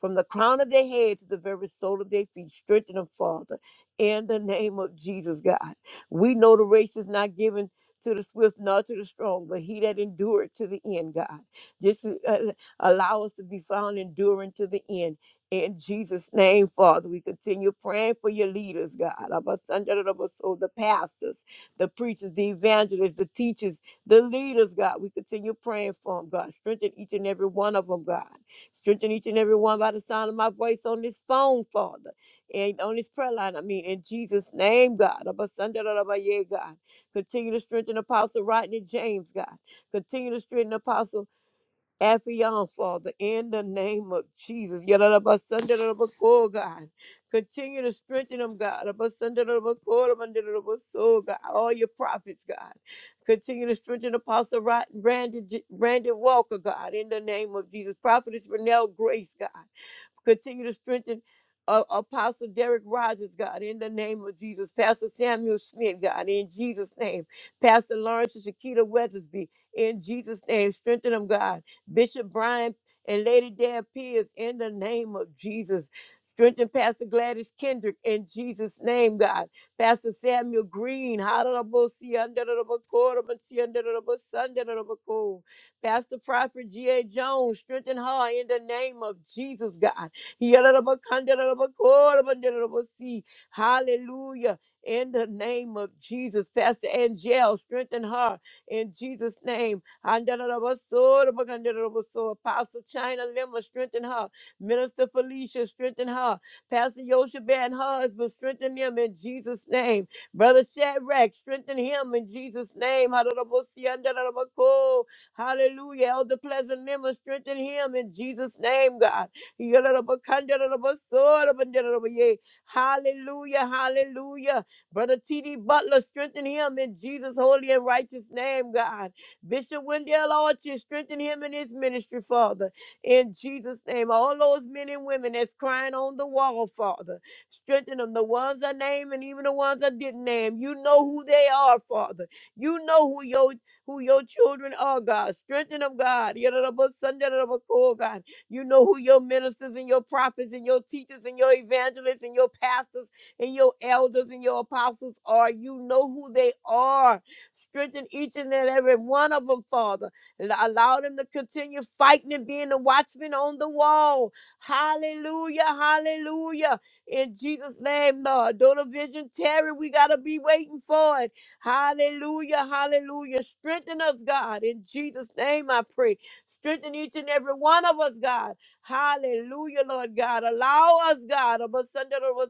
E: from the crown of their head to the very sole of their feet. Strengthen them, Father, in the name of Jesus, God. We know the race is not given to the swift nor to the strong, but he that endured to the end, God. Just uh, allow us to be found enduring to the end. In Jesus' name, Father, we continue praying for your leaders, God. Abasandarabaso, The pastors, the preachers, the evangelists, the teachers, the leaders, God. We continue praying for them, God. Strengthen each and every one of them, God. Strengthen each and every one by the sound of my voice on this phone, Father, and on this prayer line. I mean, in Jesus' name, God. Abba, Sunday, da, da, ba, yeah, God. Continue to strengthen Apostle Rodney James, God. Continue to strengthen Apostle. Affion, Father, in the name of Jesus. Yadabasandarabakoh, God. Continue to strengthen them, God. Abasandarabakoh, abandarabasoh, God. All your prophets, God. Continue to strengthen Apostle Ra- Randy, J- Randy Walker, God, in the name of Jesus. Prophetess Renelle Grace, God. Continue to strengthen uh, Apostle Derek Rogers, God, in the name of Jesus. Pastor Samuel Smith, God, in Jesus' name. Pastor Lawrence and Shakita Weathersby, in Jesus' name. Strengthen them, God. Bishop Brian and Lady Deb Pierce, in the name of Jesus. Strengthen Pastor Gladys Kendrick in Jesus' name, God. Pastor Samuel Green, under under the book, under the book, under the Underbosi, Pastor Prophet G.A. Jones, strengthen her in the name of Jesus, God. Yarabakandarabakorabandarabosi. Hallelujah. In the name of Jesus, Pastor Angel, strengthen her in Jesus' name. Handarabasodabakandaraboso. Apostle China Lima, strengthen her. Minister Felicia, strengthen her. Pastor Yoshua and her husband, strengthen them in Jesus' name. Brother Shadrach, strengthen him in Jesus' name. Handarabasi, Hallelujah. Elder Pleasant Lemon, strengthen him in Jesus' name, God. Hallelujah, hallelujah. Brother T.D. Butler, strengthen him in Jesus' holy and righteous name, God. Bishop Wendell Archer, strengthen him in his ministry, Father. In Jesus' name, all those men and women that's crying on the wall, Father, strengthen them. The ones I named and even the ones I didn't name, you know who they are, Father. You know who your who your children are, God. Strengthen them, God. Yadadabasandadabako, God. You know who your ministers and your prophets and your teachers and your evangelists and your pastors and your elders and your apostles are. You know who they are. Strengthen each and every one of them, Father. and Allow them to continue fighting and being the watchman on the wall. Hallelujah. Hallelujah. In Jesus' name, Lord. Though the vision tarry, we got to be waiting for it. Hallelujah. Hallelujah. Strengthen us, God. In Jesus' name, I pray. Strengthen each and every one of us, God. Hallelujah, Lord God. Allow us, God.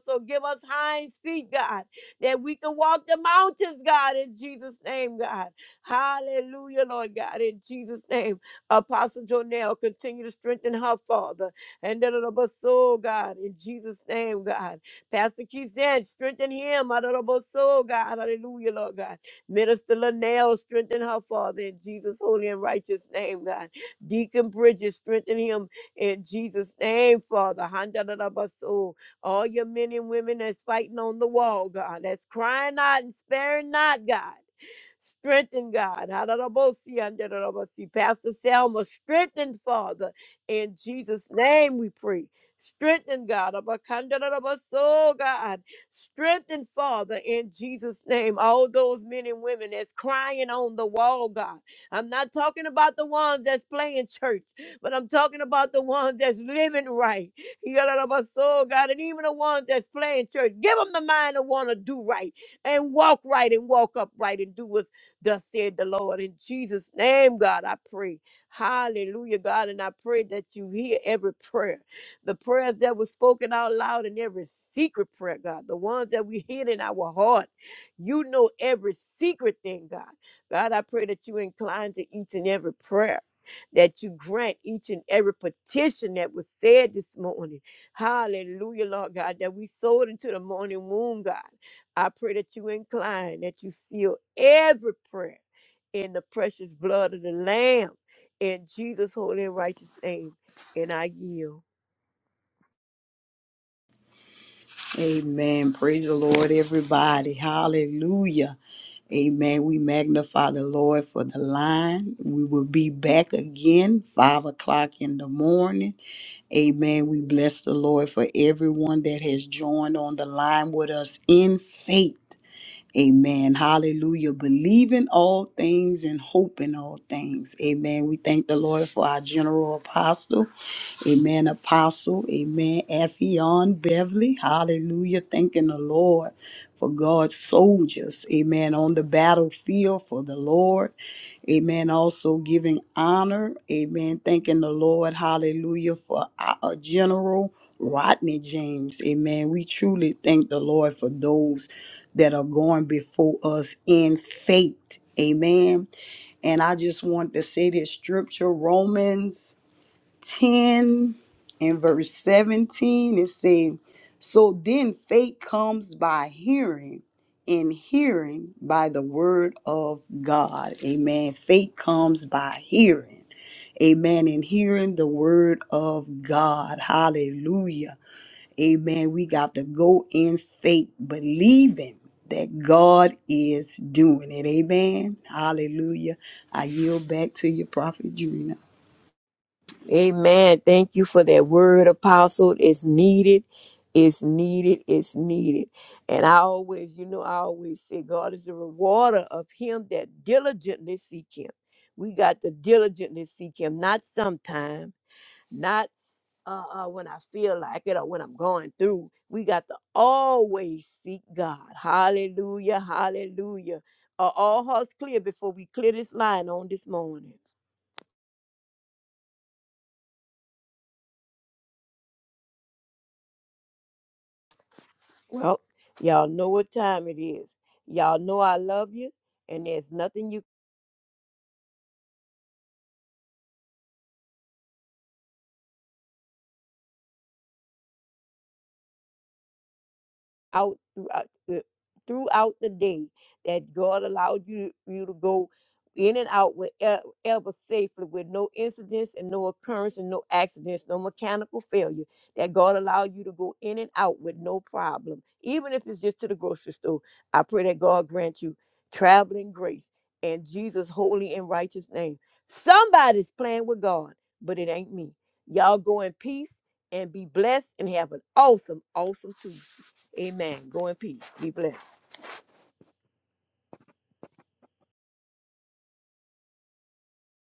E: So give us hinds feet, God, that we can walk the mountains, God, in Jesus' name, God. Hallelujah, Lord God, in Jesus' name. Apostle Jonell, continue to strengthen her, Father. And that of us, soul, God, in Jesus' name, God. Pastor Keith said, strengthen him, out of us, soul, God. Hallelujah, Lord God. Minister Linnell, strengthen her, Father, in Jesus' holy and righteous name, God. Deacon Bridges, strengthen him in Jesus' name, Father. Handalabaso. All your men and women that's fighting on the wall, God, that's crying out and sparing not, God. Strengthen God. Hadarabosi, andarabosi. Pastor Selma, strengthen Father. In Jesus' name we pray. Strengthen God. Abakandaraboso, God. Strengthen Father in Jesus' name. All those men and women that's crying on the wall, God. I'm not talking about the ones that's playing church, but I'm talking about the ones that's living right. Yadaraboso, God. And even the ones that's playing church. Give them the mind to want to do right and walk right and walk upright and do what's thus said the Lord. In Jesus' name, God, I pray. Hallelujah, God. And I pray that you hear every prayer, the prayers that were spoken out loud and every secret prayer, God, the ones that we hid in our heart. You know every secret thing, God. God, I pray that you incline to each and every prayer. That you grant each and every petition that was said this morning. Hallelujah, Lord God, that we sold into the morning womb, God. I pray that you incline, that you seal every prayer in the precious blood of the Lamb. In Jesus' holy and righteous name, and I yield.
B: Amen. Praise the Lord, everybody. Hallelujah. Amen. We magnify the Lord for the line. We will be back again, five o'clock in the morning. Amen. We bless the Lord for everyone that has joined on the line with us in faith. Amen. Hallelujah. Believing all things and hoping all things. Amen. We thank the Lord for our general apostle. Amen, Apostle. Amen, Affion Beverly. Hallelujah. Thanking the Lord for God's soldiers. Amen. On the battlefield for the Lord. Amen. Also giving honor. Amen. Thanking the Lord. Hallelujah for our uh, General Rodney James. Amen. We truly thank the Lord for those that are going before us in faith. Amen. And I just want to say this scripture, Romans. 10 and verse 17, it says, So then faith comes by hearing, and hearing by the word of God. Amen. Faith comes by hearing. Amen. And hearing the word of God. Hallelujah. Amen. We got to go in faith, believing that God is doing it. Amen. Hallelujah. I yield back to your prophet, Drina.
E: Amen. Thank you for that word, Apostle. It's needed. It's needed. It's needed. And I always, you know, I always say God is the rewarder of him that diligently seek him. We got to diligently seek him, not sometime, not uh, uh, when I feel like it or when I'm going through. We got to always seek God. Hallelujah, hallelujah. Are all hearts clear before we clear this line on this morning? Well, y'all know what time it is. Y'all know I love you, and there's nothing you out throughout the, throughout the day that God allowed you you to go in and out with e- ever safely with no incidents and no occurrence and no accidents, no mechanical failure. That God allowed you to go in and out with no problem, even if it's just to the grocery store. I pray that God grant you traveling grace in Jesus' holy and righteous name. Somebody's playing with God, but it ain't me. Y'all go in peace and be blessed and have an awesome, awesome Tuesday. Amen. Go in peace. Be blessed.